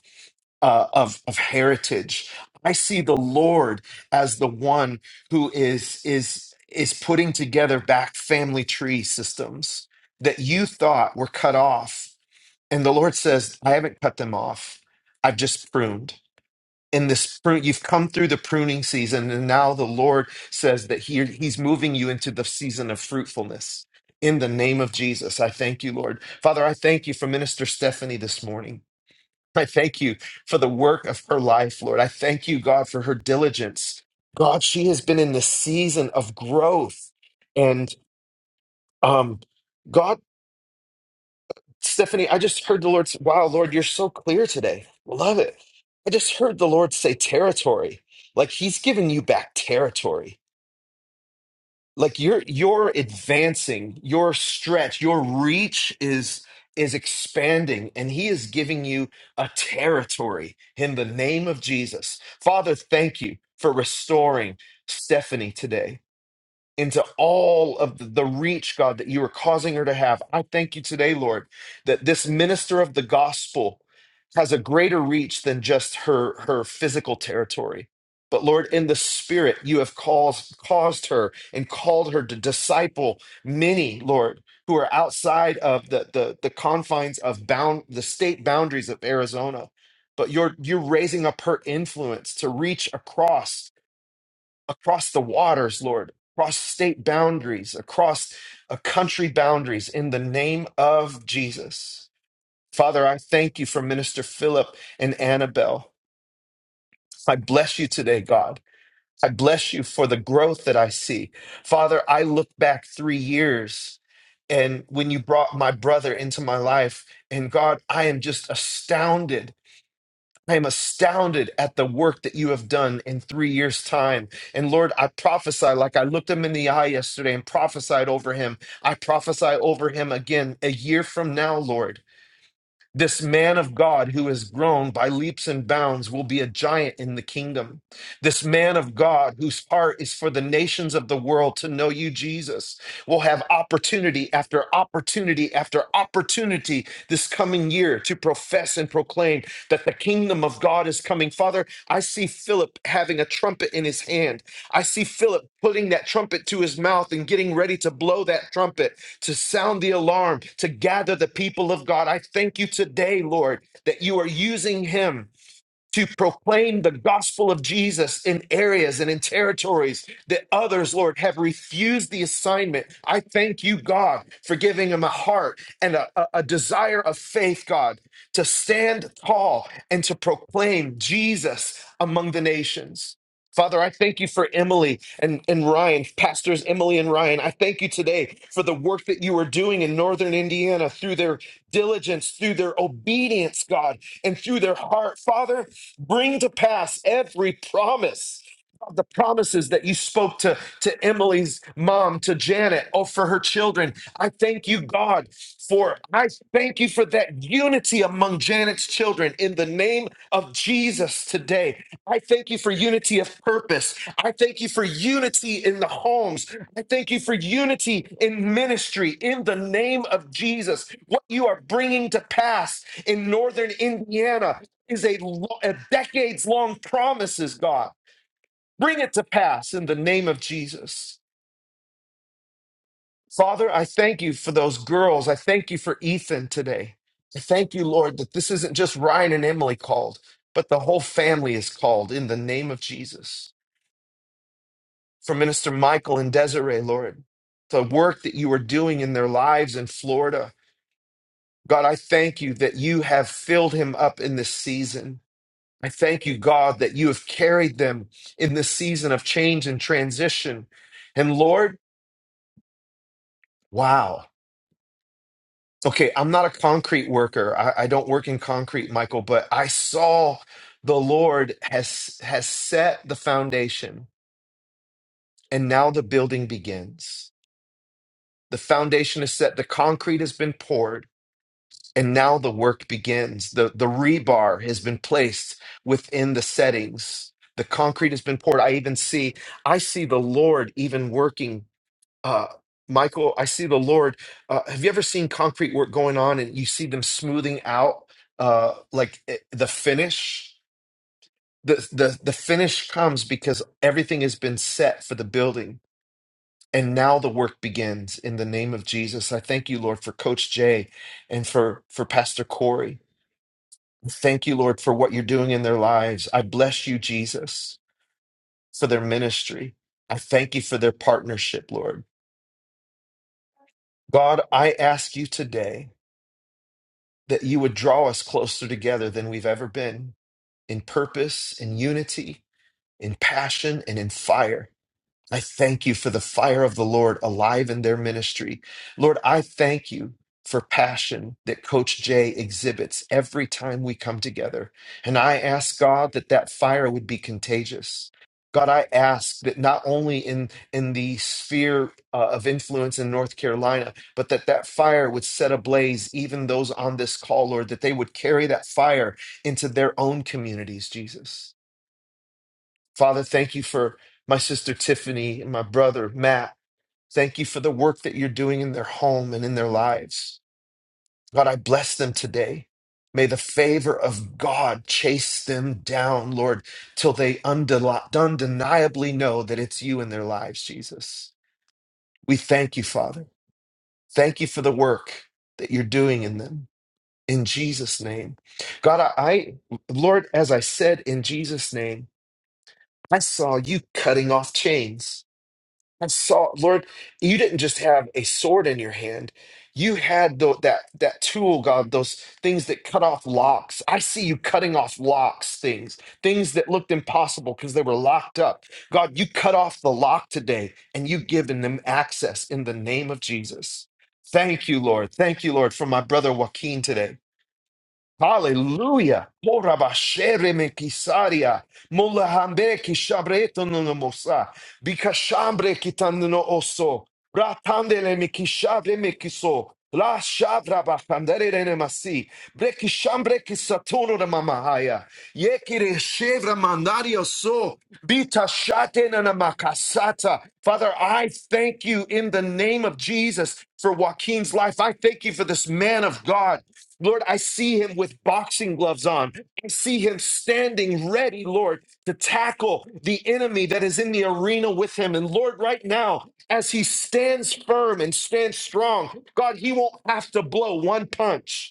A: uh, of of heritage. I see the Lord as the one who is is is putting together back family tree systems that you thought were cut off, and the Lord says, "I haven't cut them off. I've just pruned." In this prune, you've come through the pruning season, and now the Lord says that he, He's moving you into the season of fruitfulness. In the name of Jesus, I thank you, Lord. Father, I thank you for Minister Stephanie this morning. I thank you for the work of her life, Lord. I thank you, God, for her diligence. God, she has been in this season of growth. And um, God, Stephanie, I just heard the Lord say, wow, Lord, you're so clear today. Love it. I just heard the Lord say territory. Like he's giving you back territory like you're you're advancing your stretch your reach is is expanding and he is giving you a territory in the name of jesus father thank you for restoring stephanie today into all of the, the reach, God, that you are causing her to have. I thank you today, Lord, that this minister of the gospel has a greater reach than just her her physical territory. But Lord, in the spirit, you have caused caused her and called her to disciple many, Lord, who are outside of the the, the confines of bound the state boundaries of Arizona. But you're you're raising up her influence to reach across across the waters, Lord, across state boundaries, across uh, country boundaries, in the name of Jesus. Father, I thank you for Minister Philip and Annabelle. I bless you today, God. I bless you for the growth that I see. Father, I look back three years and when you brought my brother into my life, and God, I am just astounded I am astounded at the work that you have done in three years' time. And Lord, I prophesy like I looked him in the eye yesterday and prophesied over him. I prophesy over him again a year from now, Lord. This man of God who has grown by leaps and bounds will be a giant in the kingdom. This man of God whose heart is for the nations of the world to know you, Jesus, will have opportunity after opportunity after opportunity this coming year to profess and proclaim that the kingdom of God is coming. Father, I see Philip having a trumpet in his hand. I see Philip putting that trumpet to his mouth and getting ready to blow that trumpet to sound the alarm, to gather the people of God. I thank you today, Lord, that you are using him to proclaim the gospel of Jesus in areas and in territories that others, Lord, have refused the assignment. I thank you, God, for giving them a heart and a, a, a desire of faith, God, to stand tall and to proclaim Jesus among the nations. Father, I thank you for Emily and, and Ryan, pastors Emily and Ryan. I thank you today for the work that you are doing in Northern Indiana through their diligence, through their obedience, God, and through their heart. Father, Bring to pass every promise. God, The promises that you spoke to, to Emily's mom, to Janet, or for her children. I thank you, God, for I thank you for that unity among Janet's children in the name of Jesus today. I thank you for unity of purpose. I thank you for unity in the homes. I thank you for unity in ministry in the name of Jesus. What you are bringing to pass in northern Indiana is a, lo- a decades long promise is God. Bring it to pass in the name of Jesus. Father, I thank you for those girls. I thank you for Ethan today. I thank you, Lord, that this isn't just Ryan and Emily called, but the whole family is called in the name of Jesus. For Minister Michael and Desiree, Lord, the work that you are doing in their lives in Florida. God, I thank you that you have filled him up in this season. I thank you, God, that you have carried them in this season of change and transition. And Lord, wow. Okay, I'm not a concrete worker. I, I don't work in concrete, Michael, but I saw the Lord has has set the foundation, and now the building begins. The foundation is set, the concrete has been poured And now the work begins. The, the rebar has been placed within the settings. The concrete has been poured. I even see, I see the Lord even working. Uh, Michael, I see the Lord. Uh, have you ever seen concrete work going on and you see them smoothing out uh, like eh, the finish? The, the, the finish comes because everything has been set for the building. And now the work begins in the name of Jesus. I thank you, Lord, for Coach Jay and for, for Pastor Corey Thank you, Lord, for what you're doing in their lives. I bless you, Jesus, for their ministry. I thank you for their partnership, Lord. God, I ask you today that you would draw us closer together than we've ever been in purpose, in unity, in passion, and in fire. I thank you for the fire of the Lord alive in their ministry. Lord, I thank you for passion that Coach Jay exhibits every time we come together. And I ask God that that fire would be contagious. God, I ask that not only in, in the sphere uh, of influence in North Carolina, but that that fire would set ablaze even those on this call, Lord, that they would carry that fire into their own communities, Jesus. Father, thank you for my sister Tiffany and my brother Matt. Thank you for the work that you're doing in their home and in their lives. God, I bless them today. May the favor of God chase them down, Lord, till they undeli- undeniably know that it's you in their lives, Jesus. We thank you, Father. Thank you for the work that you're doing in them. In Jesus' name. God, I, I Lord, as I said in Jesus' name, I saw you cutting off chains. I saw, Lord, you didn't just have a sword in your hand. You had tho- that that tool, God, those things that cut off locks. I see you cutting off locks, things, things that looked impossible because they were locked up. God, you cut off the lock today and you've given them access in the name of Jesus. Thank you, Lord. Thank you, Lord, for my brother Joaquin today. Hallelujah. Morabashere me kisaria. Molahambe ki shabreto no no mosa. Bikashambre kitando no oso. Ratandele me kishabre me kiso. La shabra bafandere ne masi. Breki shambre kisatono da mamahaya. Yekire shevra mandario so. Bita shate na na makasata. Father, I thank you in the name of Jesus for Joaquin's life. I thank you for this man of God. Lord, I see him with boxing gloves on. I see him standing ready, Lord, to tackle the enemy that is in the arena with him. And Lord, right now, as he stands firm and stands strong, God, he won't have to blow one punch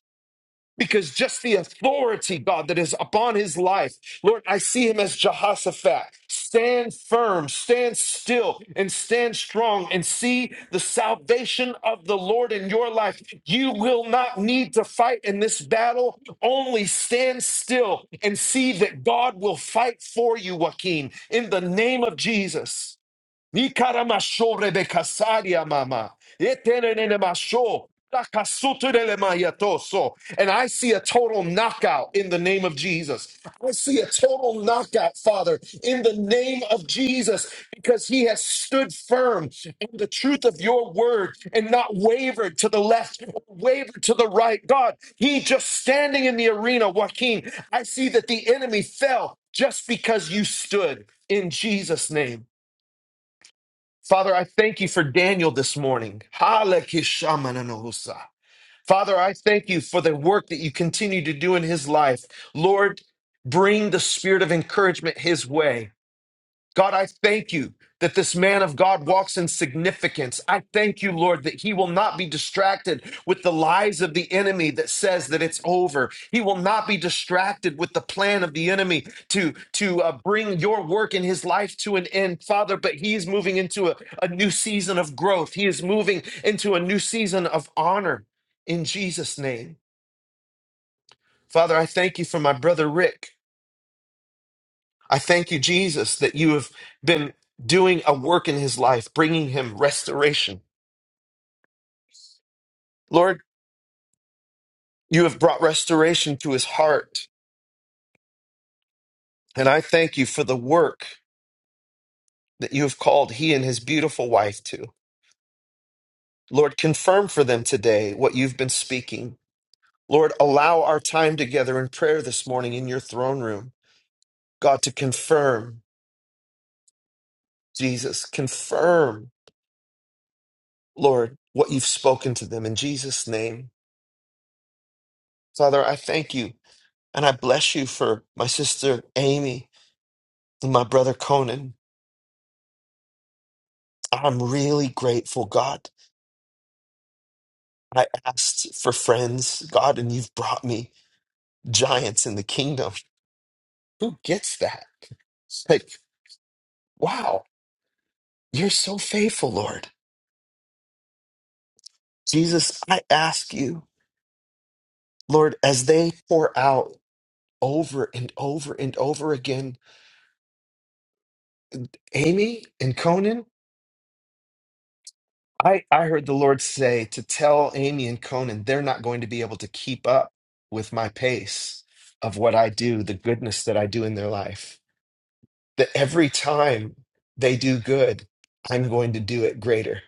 A: because just the authority, God, that is upon his life, Lord, I see him as Jehoshaphat. Stand firm, stand still, and stand strong, and see the salvation of the Lord in your life. You will not need to fight in this battle. Only stand still and see that God will fight for you, Joaquin, in the name of Jesus. Nikaramasho rebekasaria mama. Etenenenemasho takasuterelemayato. And I see a total knockout in the name of Jesus. I see a total knockout, Father, in the name of Jesus, because he has stood firm in the truth of your word and not wavered to the left or wavered to the right. God, he just standing in the arena, Joaquin. I see that the enemy fell just because you stood in Jesus' name. Father, I thank you for Daniel this morning. Halakishamananohusa. Father, I thank you for the work that you continue to do in his life. Lord, bring the spirit of encouragement his way. God, I thank you that this man of God walks in significance. I thank you, Lord, that he will not be distracted with the lies of the enemy that says that it's over. He will not be distracted with the plan of the enemy to, to uh, bring your work in his life to an end, Father. But he is moving into a, a new season of growth, he is moving into a new season of honor in Jesus' name. Father, I thank you for my brother Rick. I thank you, Jesus, that you have been doing a work in his life, bringing him restoration. Lord, you have brought restoration to his heart. And I thank you for the work that you have called he and his beautiful wife to. Lord, confirm for them today what you've been speaking. Lord, allow our time together in prayer this morning in your throne room, God, to confirm, Jesus, confirm, Lord, what you've spoken to them in Jesus' name. Father, I thank you And I bless you for my sister Amy and my brother Conan. I'm really grateful, God. I asked for friends, God, and you've brought me giants in the kingdom. Who gets that? It's like, wow, you're so faithful, Lord. Jesus, I ask you, Lord, as they pour out over and over and over again, Amy and Conan. I, I heard the Lord say to tell Amy and Conan they're not going to be able to keep up with my pace of what I do, the goodness that I do in their life. That every time they do good, I'm going to do it greater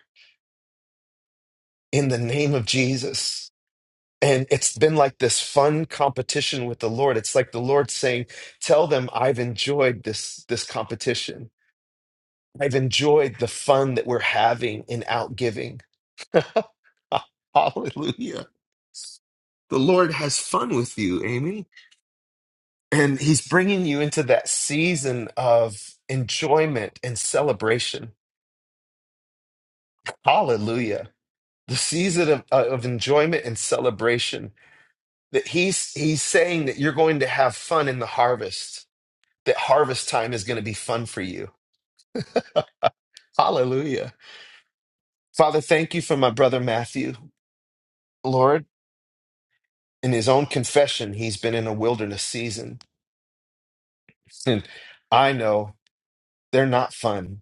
A: in the name of Jesus. And it's been like this fun competition with the Lord. It's like the Lord saying, Tell them I've enjoyed this, this competition. I've enjoyed the fun that we're having in outgiving. Hallelujah. the Lord has fun with you, Amy. And he's bringing you into that season of enjoyment and celebration. Hallelujah. The season of, uh, of enjoyment and celebration that he's he's saying that you're going to have fun in the harvest. That harvest time is going to be fun for you. Hallelujah. Father, thank you for my brother Matthew. Lord, in his own confession, he's been in a wilderness season. And I know they're not fun.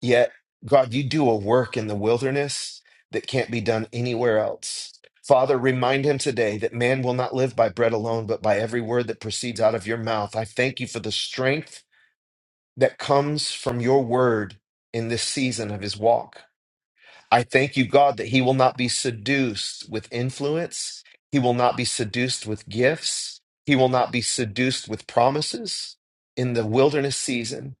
A: Yet, God, you do a work in the wilderness that can't be done anywhere else. Father, remind him today that man will not live by bread alone, but by every word that proceeds out of your mouth. I thank you for the strength that comes from your word in this season of his walk. I thank you, God, that he will not be seduced with influence. He will not be seduced with gifts. He will not be seduced with promises in the wilderness season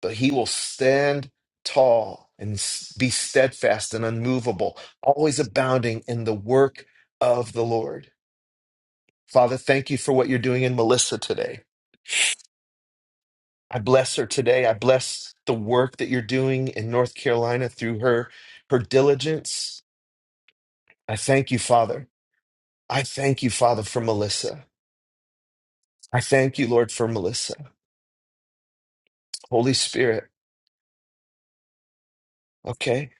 A: but he will stand tall and s- be steadfast and unmovable, always abounding in the work of the Lord. Father, thank you for what you're doing in Melissa today. I bless her today. I bless the work that you're doing in North Carolina through her her diligence. I thank you, Father. I thank you, Father, for Melissa. I thank you, Lord, for Melissa. Holy Spirit. Okay.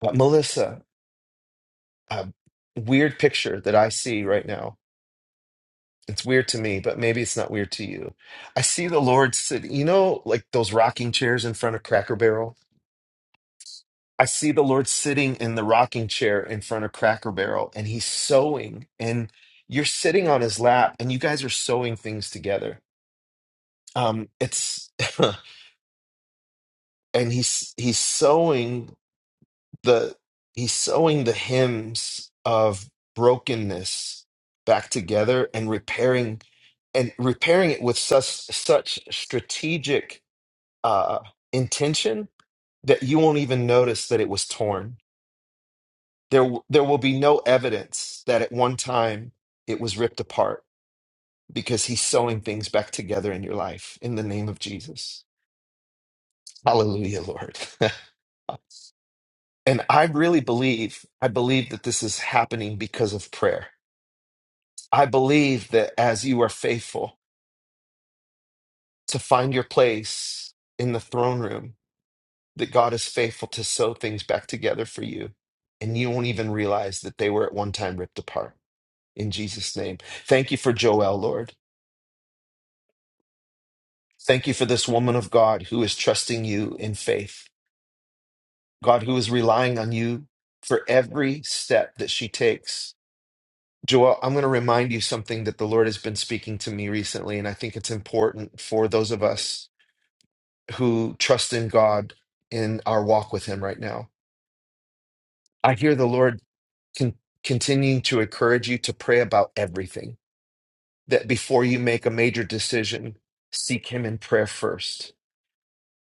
A: But Melissa, a weird picture that I see right now It's weird to me, but maybe it's not weird to you. I see the Lord sitting, you know, like those rocking chairs in front of Cracker Barrel. I see the Lord sitting in the rocking chair in front of Cracker Barrel and he's sewing and you're sitting on his lap and you guys are sewing things together. Um it's and he's he's sewing the he's sewing the hymns of brokenness back together and repairing and repairing it with such such strategic uh, intention that you won't even notice that it was torn. There, w- there will be no evidence that at one time it was ripped apart because he's sewing things back together in your life in the name of Jesus. Hallelujah, Lord. and I really believe, I believe that this is happening because of prayer. I believe that as you are faithful to find your place in the throne room, that God is faithful to sew things back together for you, and you won't even realize that they were at one time ripped apart. In Jesus' name. Thank you for Joel, Lord. Thank you for this woman of God who is trusting you in faith, God, who is relying on you for every step that she takes. Joel, I'm going to remind you something that the Lord has been speaking to me recently, and I think it's important for those of us who trust in God in our walk with Him right now. I hear the Lord. con- continuing to encourage you to pray about everything. That before you make a major decision, seek Him in prayer first.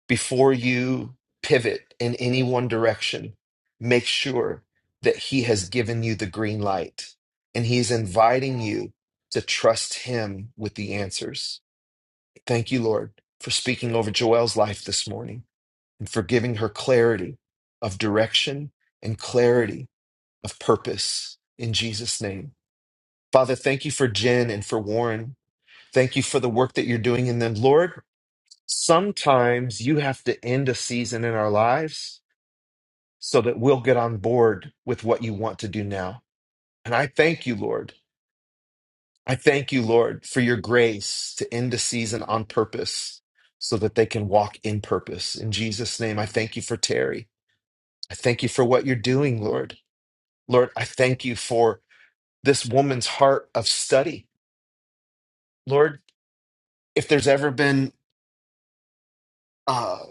A: Before you pivot in any one direction, make sure that He has given you the green light and He's inviting you to trust Him with the answers. Thank you, Lord, for speaking over Joelle's life this morning and for giving her clarity of direction and clarity of purpose in Jesus' name. Father, thank you for Jen and for Warren. Thank you for the work that you're doing in them. Lord, sometimes you have to end a season in our lives so that we'll get on board with what you want to do now. And I thank you, Lord. I thank you, Lord, for your grace to end a season on purpose so that they can walk in purpose. In Jesus' name, I thank you for Terry. I thank you for what you're doing, Lord. Lord, I thank you for this woman's heart of study. Lord, if there's ever been uh,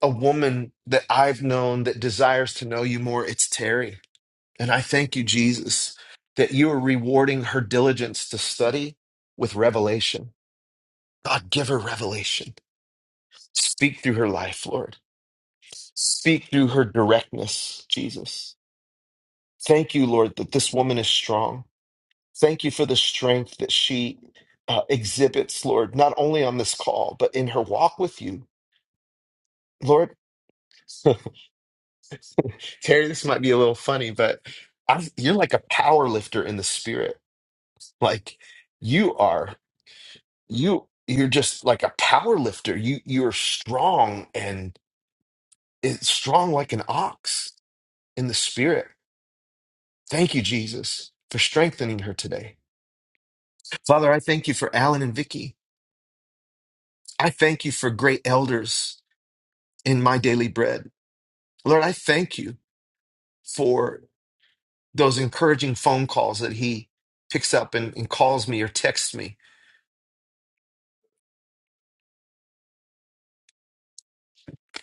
A: a woman that I've known that desires to know you more. It's Terry. And I thank you, Jesus, that you are rewarding her diligence to study with revelation. God, give her revelation. Speak through her life, Lord. Speak through her directness, Jesus. Thank you, Lord, that this woman is strong. Thank you for the strength that she uh, exhibits, Lord, not only on this call, but in her walk with you, Lord. Terry, this might be a little funny, but I, you're like a power lifter in the spirit. Like you are, you you're just like a power lifter. You you're strong and it's strong like an ox in the spirit. Thank you, Jesus, for strengthening her today. Father, I thank you for Alan and Vicky. I thank you for great elders in my daily bread. Lord, I thank you for those encouraging phone calls that he picks up and, and calls me or texts me.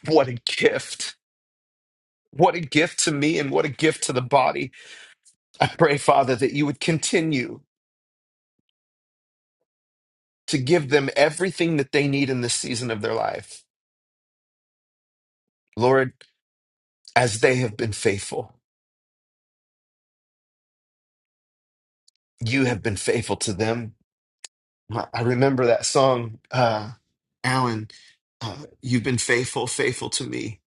A: What a gift. What a gift to me and what a gift to the body. I pray, Father, that you would continue to give them everything that they need in this season of their life. Lord, as they have been faithful, you have been faithful to them. I I remember that song, uh, Alan, uh, you've been faithful, faithful to me.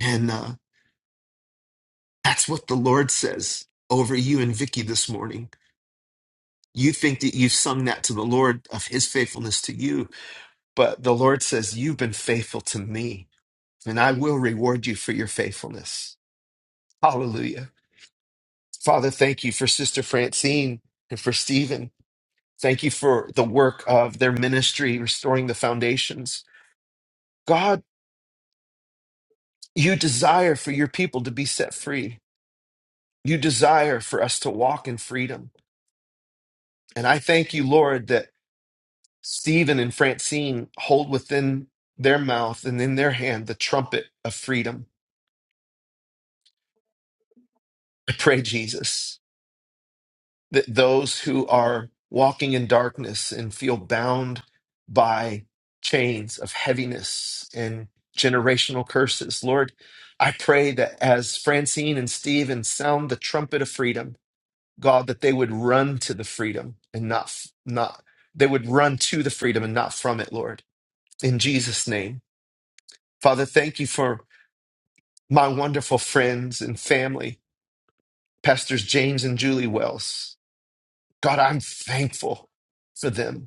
A: And uh, that's what the Lord says over you and Vicky this morning. You think that you've sung that to the Lord of his faithfulness to you But the Lord says, You've been faithful to me, and I will reward you for your faithfulness. Hallelujah. Father, thank you for Sister Francine and for Stephen. Thank you for the work of their ministry, restoring the foundations. God, you desire for your people to be set free. You desire for us to walk in freedom. And I thank you, Lord, that Stephen and Francine hold within their mouth and in their hand the trumpet of freedom. I pray, Jesus. that those who are walking in darkness and feel bound by chains of heaviness and generational curses. Lord, I pray that as Francine and Stephen sound the trumpet of freedom, God, that they would run to the freedom and not not they would run to the freedom and not from it, Lord. In Jesus' name. Father, thank you for my wonderful friends and family, Pastors James and Julie Wells. God, I'm thankful for them.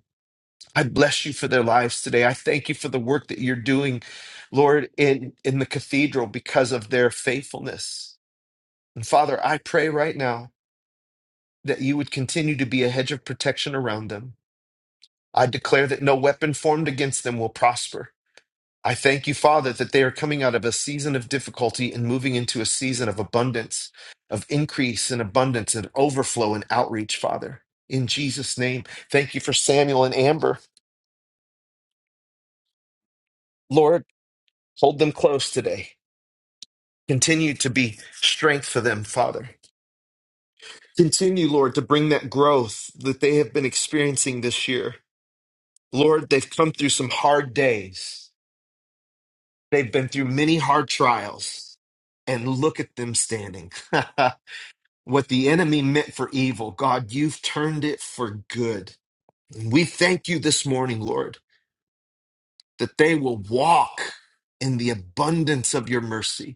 A: I bless you for their lives today. I thank you for the work that you're doing, Lord, in, in the cathedral because of their faithfulness. And Father, I pray right now that you would continue to be a hedge of protection around them. I declare that no weapon formed against them will prosper. I thank you, Father, that they are coming out of a season of difficulty and moving into a season of abundance, of increase and abundance and overflow and outreach, Father. In Jesus' name, thank you for Samuel and Amber. Lord, hold them close today. Continue to be strength for them, Father. Continue, Lord, to bring that growth that they have been experiencing this year. Lord, they've come through some hard days. They've been through many hard trials. And look at them standing. what the enemy meant for evil, God, you've turned it for good. And we thank you this morning, Lord, that they will walk in the abundance of your mercy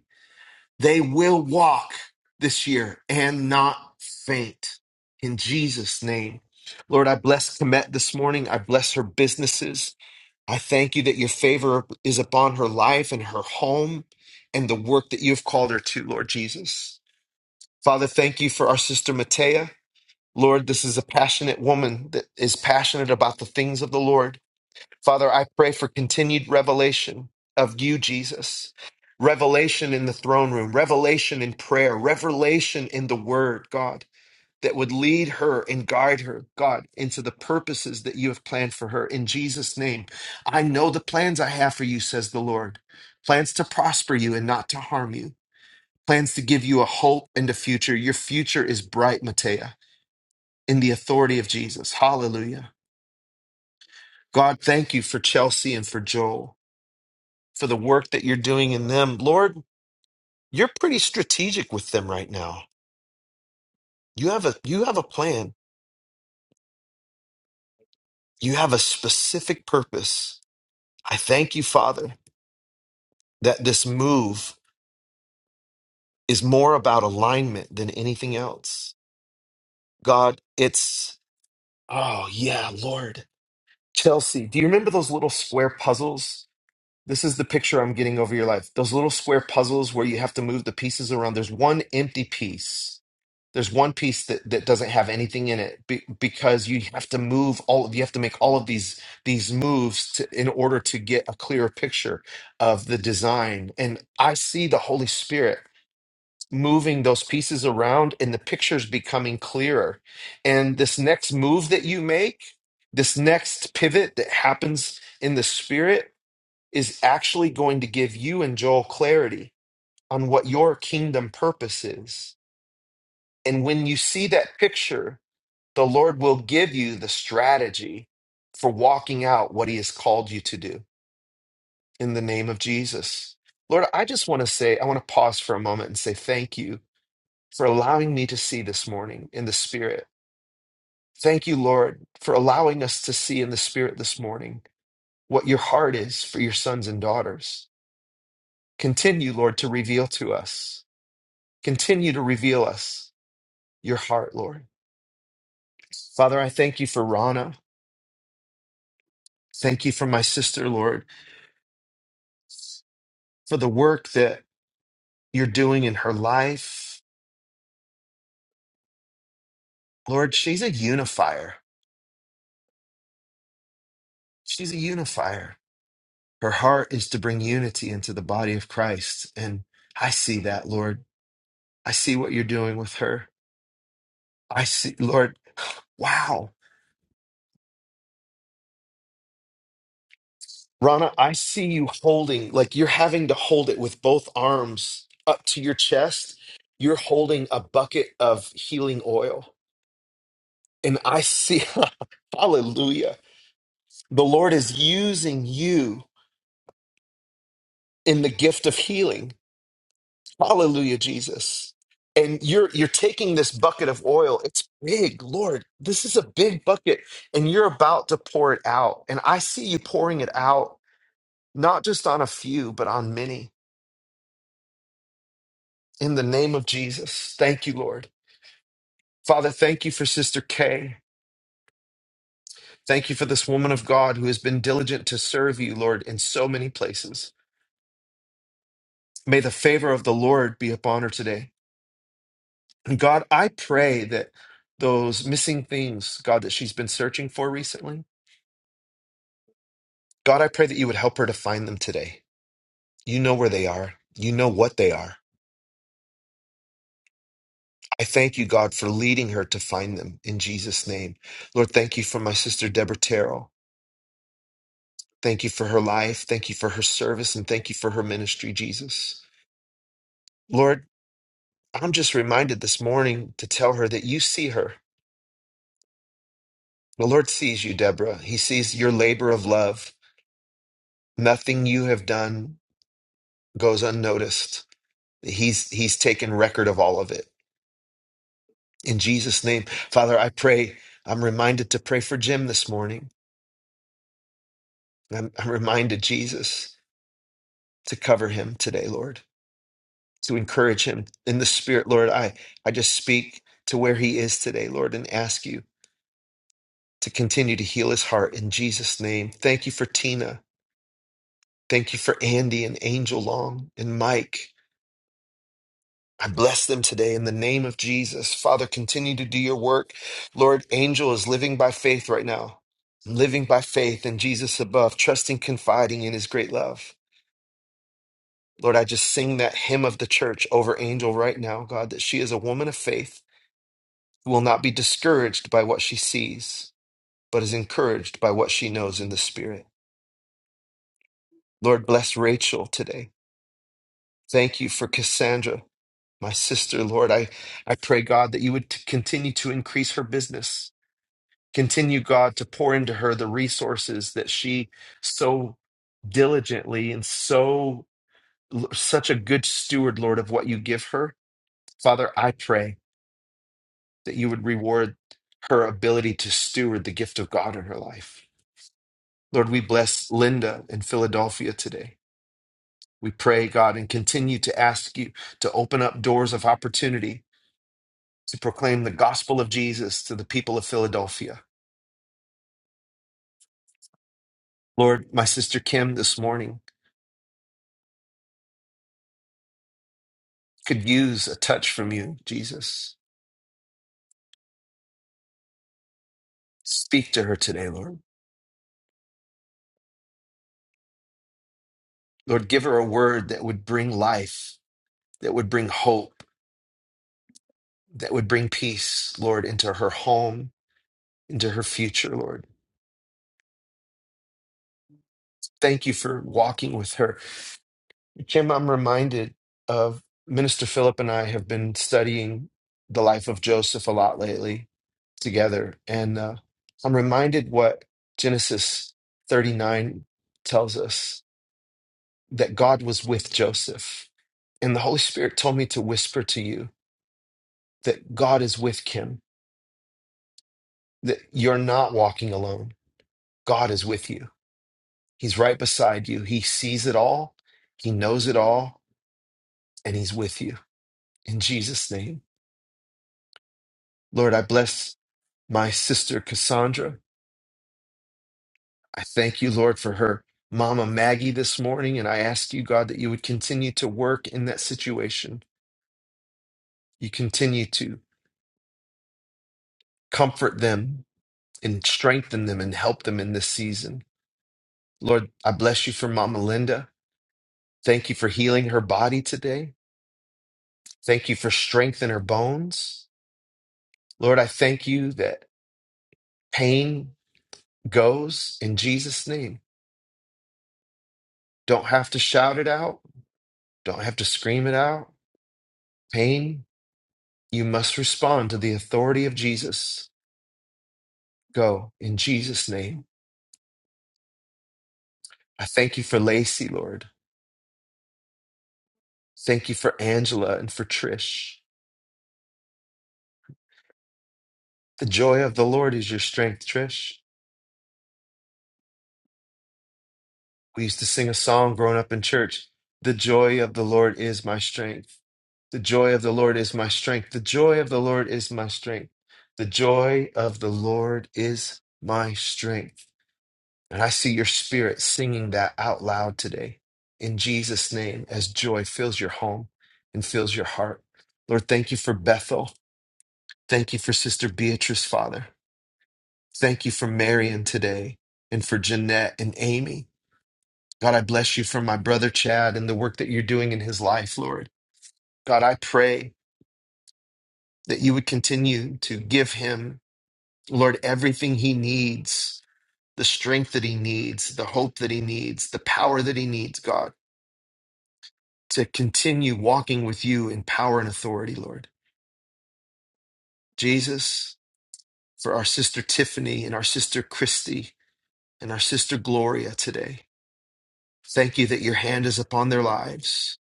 A: They will walk this year and not faint in Jesus' name. Lord, I bless Komet this morning. I bless her businesses. I thank you that your favor is upon her life and her home and the work that you have called her to, Lord Jesus. Father, thank you for our sister Matea. Lord, this is a passionate woman that is passionate about the things of the Lord. Father, I pray for continued revelation of you, Jesus. Revelation in the throne room, revelation in prayer, revelation in the word, God, that would lead her and guide her, God, into the purposes that you have planned for her. In Jesus' name, I know the plans I have for you, says the Lord plans to prosper you and not to harm you, plans to give you a hope and a future. Your future is bright, Matea, in the authority of Jesus. Hallelujah. God, thank you for Chelsea and for Joel. for the work that you're doing in them. Lord, you're pretty strategic with them right now. You have a you have a plan. You have a specific purpose. I thank you, Father, that this move is more about alignment than anything else. God, it's oh yeah, Lord. Chelsea, do you remember those little square puzzles? This is the picture I'm getting over your life. Those little square puzzles where you have to move the pieces around. There's one empty piece There's one piece that, that doesn't have anything in it be, because you have to move all you have to make all of these these moves to, in order to get a clearer picture of the design. And I see the Holy Spirit moving those pieces around and the pictures becoming clearer. And this next move that you make, this next pivot that happens in the spirit is actually going to give you and Joel clarity on what your kingdom purpose is. And when you see that picture, the Lord will give you the strategy for walking out what He has called you to do in the name of Jesus. Lord, I just want to say, I want to pause for a moment and say thank you for allowing me to see this morning in the Spirit. Thank you, Lord, for allowing us to see in the Spirit this morning what your heart is for your sons and daughters. Continue, Lord, to reveal to us. Continue to reveal us your heart, Lord. Father, I thank you for Rana. Thank you for my sister, Lord. for the work that you're doing in her life. Lord, she's a unifier. She's a unifier. Her heart is to bring unity into the body of Christ. And I see that, Lord. I see what you're doing with her. I see, Lord, wow. Rana, I see you holding, like you're having to hold it with both arms up to your chest. You're holding a bucket of healing oil. And I see, hallelujah. The Lord is using you in the gift of healing. Hallelujah, Jesus. And you're you're taking this bucket of oil. It's big, Lord. This is a big bucket and you're about to pour it out. And I see you pouring it out not just on a few, but on many. In the name of Jesus. Thank you, Lord. Father, thank you for Sister Kay. Thank you for this woman of God who has been diligent to serve you, Lord, in so many places. May the favor of the Lord be upon her today. God, I pray that those missing things, God, that she's been searching for recently, God, I pray that you would help her to find them today. You know where they are, you know what they are. I thank you, God, for leading her to find them in Jesus' name. Lord, thank you for my sister, Deborah Terrell. Thank you for her life. Thank you for her service and thank you for her ministry, Jesus. Lord, I'm just reminded this morning to tell her that you see her. The Lord sees you, Deborah. He sees your labor of love. Nothing you have done goes unnoticed. He's he's taken record of all of it. In Jesus' name, Father, I pray. I'm reminded to pray for Jim this morning. I'm, I'm reminded, Jesus, to cover him today, Lord, to encourage him in the spirit, Lord. I I just speak to where he is today, Lord, and ask you to continue to heal his heart in Jesus' name. Thank you for Tina. Thank you for Andy and Angel Long and Mike. I bless them today in the name of Jesus. Father, continue to do your work. Lord, Angel is living by faith right now, living by faith in Jesus above, trusting, confiding in his great love. Lord, I just sing that hymn of the church over Angel right now, God, that she is a woman of faith who will not be discouraged by what she sees, but is encouraged by what she knows in the Spirit. Lord, bless Rachel today. Thank you for Cassandra, my sister. Lord, I, I pray, God, that you would t- continue to increase her business. Continue, God, to pour into her the resources that she so diligently and so such a good steward, Lord, of what you give her. Father, I pray that you would reward her ability to steward the gift of God in her life. Lord, we bless Linda in Philadelphia today. We pray, God, and continue to ask you to open up doors of opportunity to proclaim the gospel of Jesus to the people of Philadelphia. Lord, my sister Kim this morning. could use a touch from you, Jesus. Speak to her today, Lord. Lord, give her a word that would bring life, that would bring hope, that would bring peace, Lord, into her home, into her future, Lord. Thank you for walking with her. Kim, I'm reminded of Minister Philip and I have been studying the life of Joseph a lot lately together. And uh, I'm reminded what Genesis 39 tells us that God was with Joseph. And the Holy Spirit told me to whisper to you that God is with Kim, that you're not walking alone. God is with you. He's right beside you. He sees it all, He knows it all, and He's with you. In Jesus' name. Lord, I bless my sister Cassandra. I thank you, Lord, for her mama Maggie this morning. And I ask you, God, that you would continue to work in that situation. You continue to comfort them and strengthen them and help them in this season. Lord, I bless you for Mama Linda. Thank you for healing her body today. Thank you for strength in her bones. Lord, I thank you that pain goes in Jesus' name. Don't have to shout it out, don't have to scream it out. Pain, you must respond to the authority of Jesus. Go in Jesus' name. I thank you for Lacey, Lord. Thank you for Angela and for Trish. The joy of the Lord is your strength, Trish. We used to sing a song growing up in church The joy of the Lord is my strength. The joy of the Lord is my strength. The joy of the Lord is my strength. The joy of the Lord is my strength. And I see your spirit singing that out loud today in Jesus' name as joy fills your home and fills your heart. Lord, thank you for Bethel. Thank you for Sister Beatrice, Father. Thank you for Marion today and for Jeanette and Amy. God, I bless you for my brother Chad and the work that you're doing in his life, Lord. God, I pray that you would continue to give him, Lord, everything he needs, the strength that he needs, the hope that he needs, the power that he needs, God, to continue walking with you in power and authority, Lord. Jesus, for our sister Tiffany and our sister Christy and our sister Gloria today, thank you that your hand is upon their lives.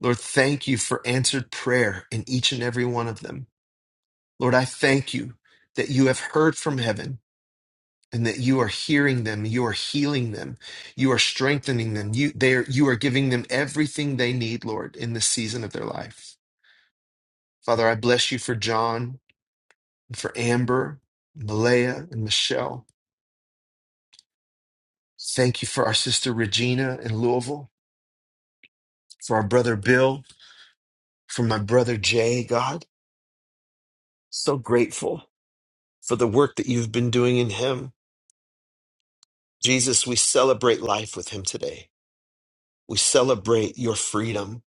A: Lord, thank you for answered prayer in each and every one of them. Lord, I thank you that you have heard from heaven and that you are hearing them, you are healing them, you are strengthening them, you, they are, you are giving them everything they need, Lord, in this season of their life. Father, I bless you for John, and for Amber, Malaya, and Michelle. Thank you for our sister Regina in Louisville, for our brother Bill, for my brother Jay, God. So grateful for the work that you've been doing in him. Jesus, we celebrate life with him today. We celebrate your freedom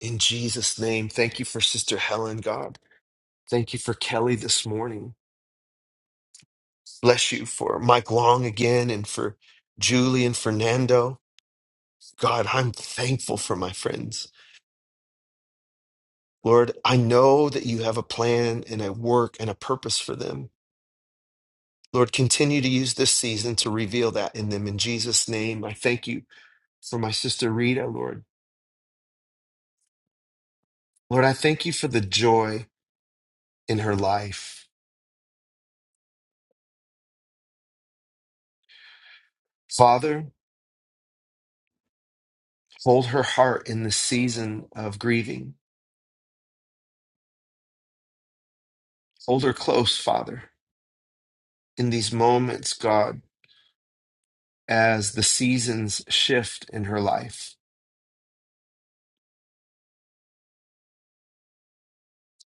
A: in Jesus' name. Thank you for Sister Helen, God. Thank you for Kelly this morning. Bless you for Mike Long again and for Julie and Fernando. God, I'm thankful for my friends. Lord, I know that you have a plan and a work and a purpose for them. Lord, continue to use this season to reveal that in them. In Jesus' name, I thank you for my sister Rita, Lord. Lord, I thank you for the joy in her life. Father, Hold her heart in the season of grieving. Hold her close, Father, in these moments, God, as the seasons shift in her life.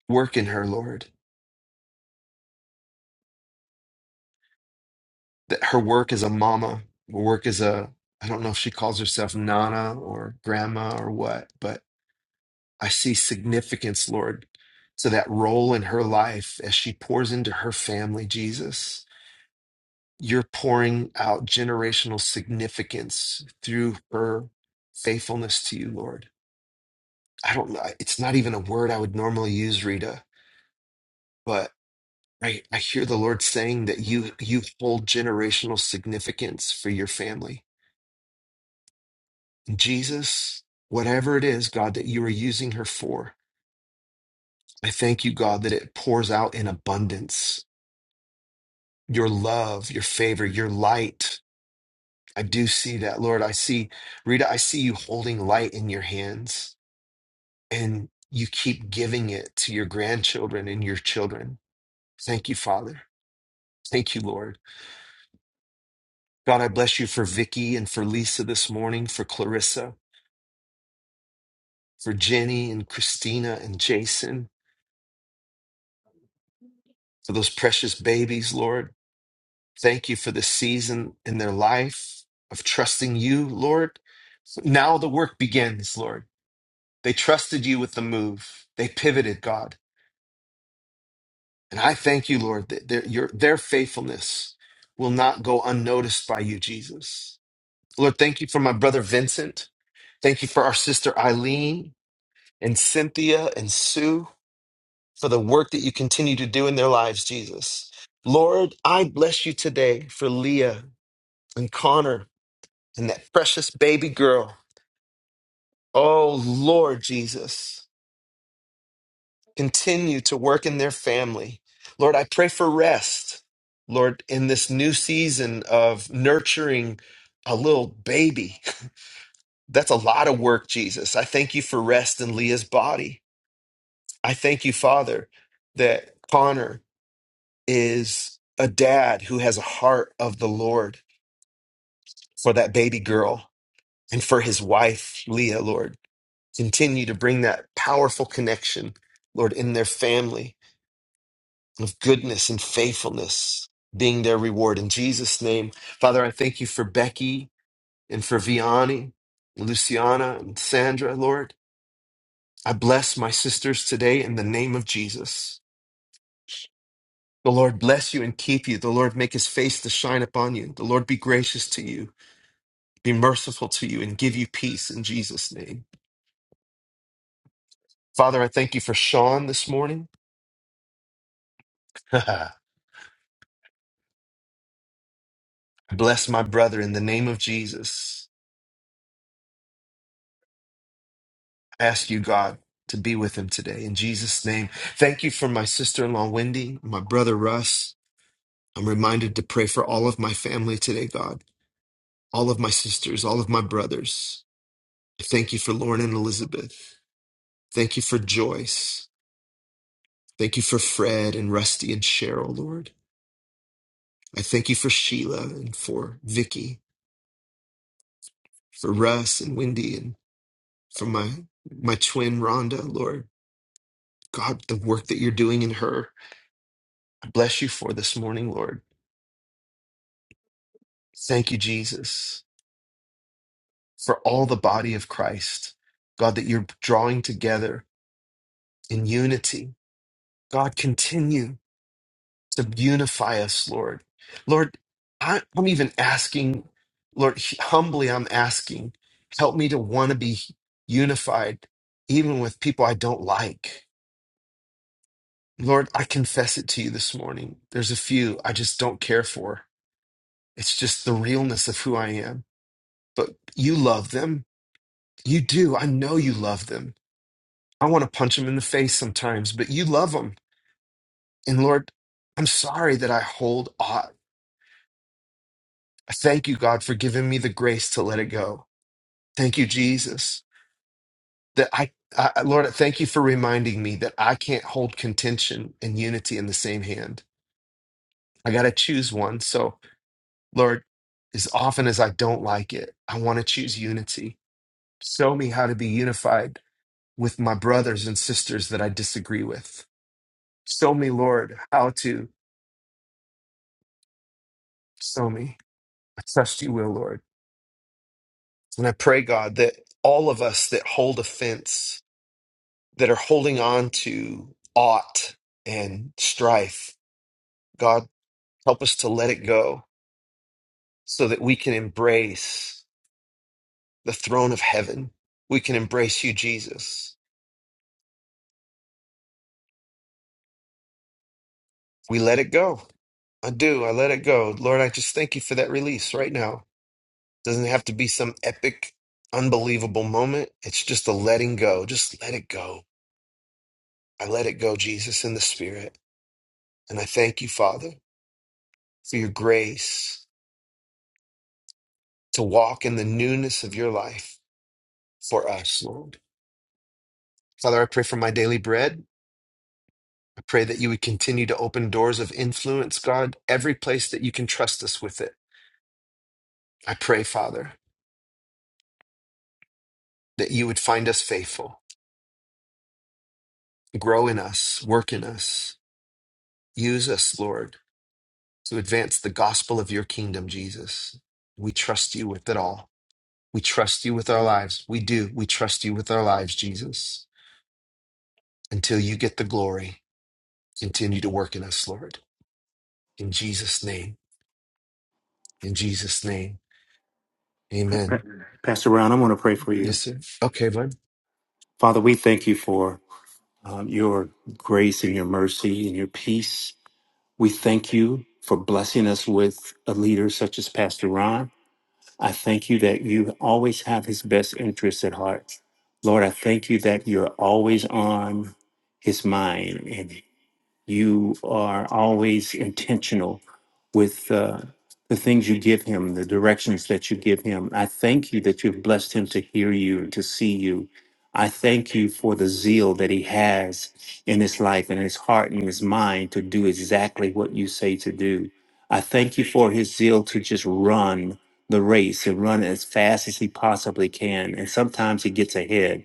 A: Work in her, Lord. That her work as a mama, her work as a, I don't know if she calls herself Nana or Grandma or what, but I see significance, Lord, to that role in her life as she pours into her family, Jesus. you're pouring out generational significance through her faithfulness to you, Lord. I don't know. It's not even a word I would normally use, Rita, but I, I hear the Lord saying that you you hold generational significance for your family. Jesus, whatever it is, God, that you are using her for, I thank you, God, that it pours out in abundance. Your love, your favor, your light. I do see that, Lord. I see, Rita, I see you holding light in your hands. and you keep giving it to your grandchildren and your children. Thank you, Father. Thank you, Lord. God, I bless you for Vicky and for Lisa this morning, for Clarissa, for Jenny and Christina and Jason, for those precious babies, Lord. Thank you for this season in their life of trusting you, Lord. Now the work begins, Lord. They trusted you with the move. They pivoted, God. And I thank you, Lord, that their, your, their faithfulness will not go unnoticed by you, Jesus. Lord, thank you for my brother Vincent. Thank you for our sister Eileen and Cynthia and Sue for the work that you continue to do in their lives, Jesus. Lord, I bless you today for Leah and Connor and that precious baby girl. Oh, Lord Jesus. continue to work in their family. Lord, I pray for rest, Lord, in this new season of nurturing a little baby. That's a lot of work, Jesus. I thank you for rest in Leah's body. I thank you, Father, that Connor is a dad who has a heart of the Lord for that baby girl and for his wife, Leah, Lord. Continue to bring that powerful connection, Lord, in their family. of goodness and faithfulness being their reward. In Jesus' name, Father, I thank you for Becky and for Vianney, Luciana and Sandra, Lord. I bless my sisters today in the name of Jesus. The Lord bless you and keep you. The Lord make his face to shine upon you. The Lord be gracious to you, be merciful to you, and give you peace in Jesus' name. Father, I thank you for Sean this morning. bless my brother in the name of Jesus. I ask you, God, to be with him today. In Jesus' name, thank you for my sister in law, Wendy, my brother, Russ. I'm reminded to pray for all of my family today, God, all of my sisters, all of my brothers. I Thank you for Lauren and Elizabeth. Thank you for Joyce. Thank you for Fred and Rusty and Cheryl, Lord. I thank you for Sheila and for Vicky, for Russ and Wendy and for my my twin Rhonda, Lord. God, the work that you're doing in her. I bless you for this morning, Lord. Thank you, Jesus, for all the body of Christ. God, that you're drawing together in unity. God, continue to unify us, Lord. Lord, I, I'm even asking, Lord, humbly, I'm asking, help me to want to be unified, even with people I don't like. Lord, I confess it to you this morning. There's a few I just don't care for. It's just the realness of who I am. But you love them. You do. I know you love them I want to punch him in the face sometimes, but you love him. And Lord, I'm sorry that I hold on. Thank you, God, for giving me the grace to let it go. Thank you, Jesus, that I, I, Lord, thank you for reminding me that I can't hold contention and unity in the same hand. I got to choose one. So, Lord, as often as I don't like it, I want to choose unity. Show me how to be unified with my brothers and sisters that I disagree with. Show me, Lord, how to. Show me. I trust you will, Lord. And I pray, God, that all of us that hold offense, that are holding on to ought and strife, God, help us to let it go so that we can embrace the throne of heaven. We can embrace you, Jesus. We let it go. I do. I let it go. Lord, I just thank you for that release right now. Doesn't have to be some epic, unbelievable moment. It's just a letting go. Just let it go. I let it go, Jesus, in the spirit. And I thank you, Father, for your grace to walk in the newness of your life for us, Lord. Father, I pray for my daily bread. I pray that you would continue to open doors of influence, God, every place that you can trust us with it. I pray, Father, that you would find us faithful, grow in us, work in us, use us, Lord, to advance the gospel of your kingdom, Jesus. We trust you with it all. We trust you with our lives. We do. We trust you with our lives, Jesus, until you get the glory. Continue to work in us, Lord. In Jesus' name. In Jesus' name.
H: Pa- pa-
A: Amen.
H: Pastor Brown, I want to pray for you.
A: Yes, sir. Okay, bud.
H: Father, we thank you for um, your grace and your mercy and your peace. We thank you for blessing us with a leader such as Pastor Ron. I thank you that you always have his best interests at heart. Lord, I thank you that you're always on his mind and. You are always intentional with uh, the things you give him, the directions that you give him. I thank you that you've blessed him to hear you and to see you. I thank you for the zeal that he has in his life and his heart and his mind to do exactly what you say to do. I thank you for his zeal to just run the race and run as fast as he possibly can. And sometimes he gets ahead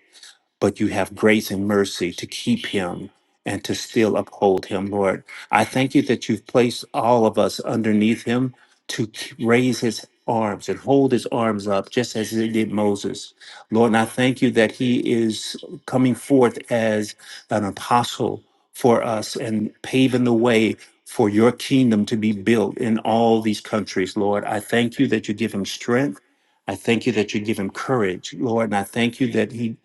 H: but you have grace and mercy to keep him and to still uphold him, Lord. I thank you that you've placed all of us underneath him to k- raise his arms and hold his arms up, just as he did Moses. Lord, and I thank you that he is coming forth as an apostle for us and paving the way for your kingdom to be built in all these countries, Lord. I thank you that you give him strength. I thank you that you give him courage, Lord. And I thank you that he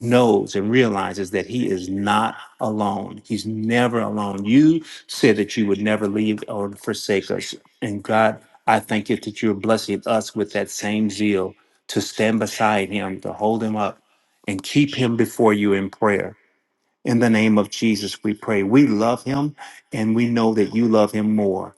H: knows and realizes that he is not alone. He's never alone. You said that you would never leave or forsake us. And God, I thank you that you're blessing us with that same zeal to stand beside him, to hold him up, and keep him before you in prayer. In the name of Jesus, we pray. We love him and we know that you love him more.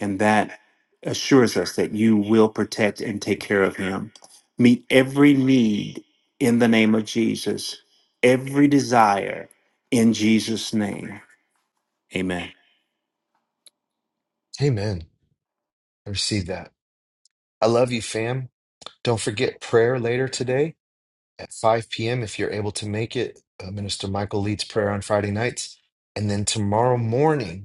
H: And that assures us that you will protect and take care of him. Meet every need in the name of Jesus, every desire in Jesus' name. Amen.
A: Amen. I receive that. I love you, fam. Don't forget prayer later today at 5 p.m. if you're able to make it. Uh, Minister Michael leads prayer on Friday nights. And then tomorrow morning,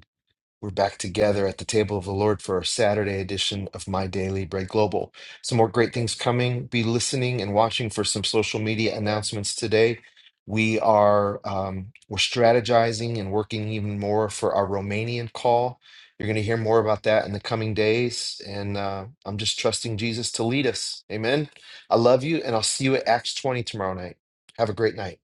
A: We're back together at the table of the Lord for our Saturday edition of My Daily Bread Global. Some more great things coming. Be listening and watching for some social media announcements today. We are um, we're strategizing and working even more for our Romanian call. You're going to hear more about that in the coming days, and uh, I'm just trusting Jesus to lead us. Amen. I love you, and I'll see you at Acts 20 tomorrow night. Have a great night.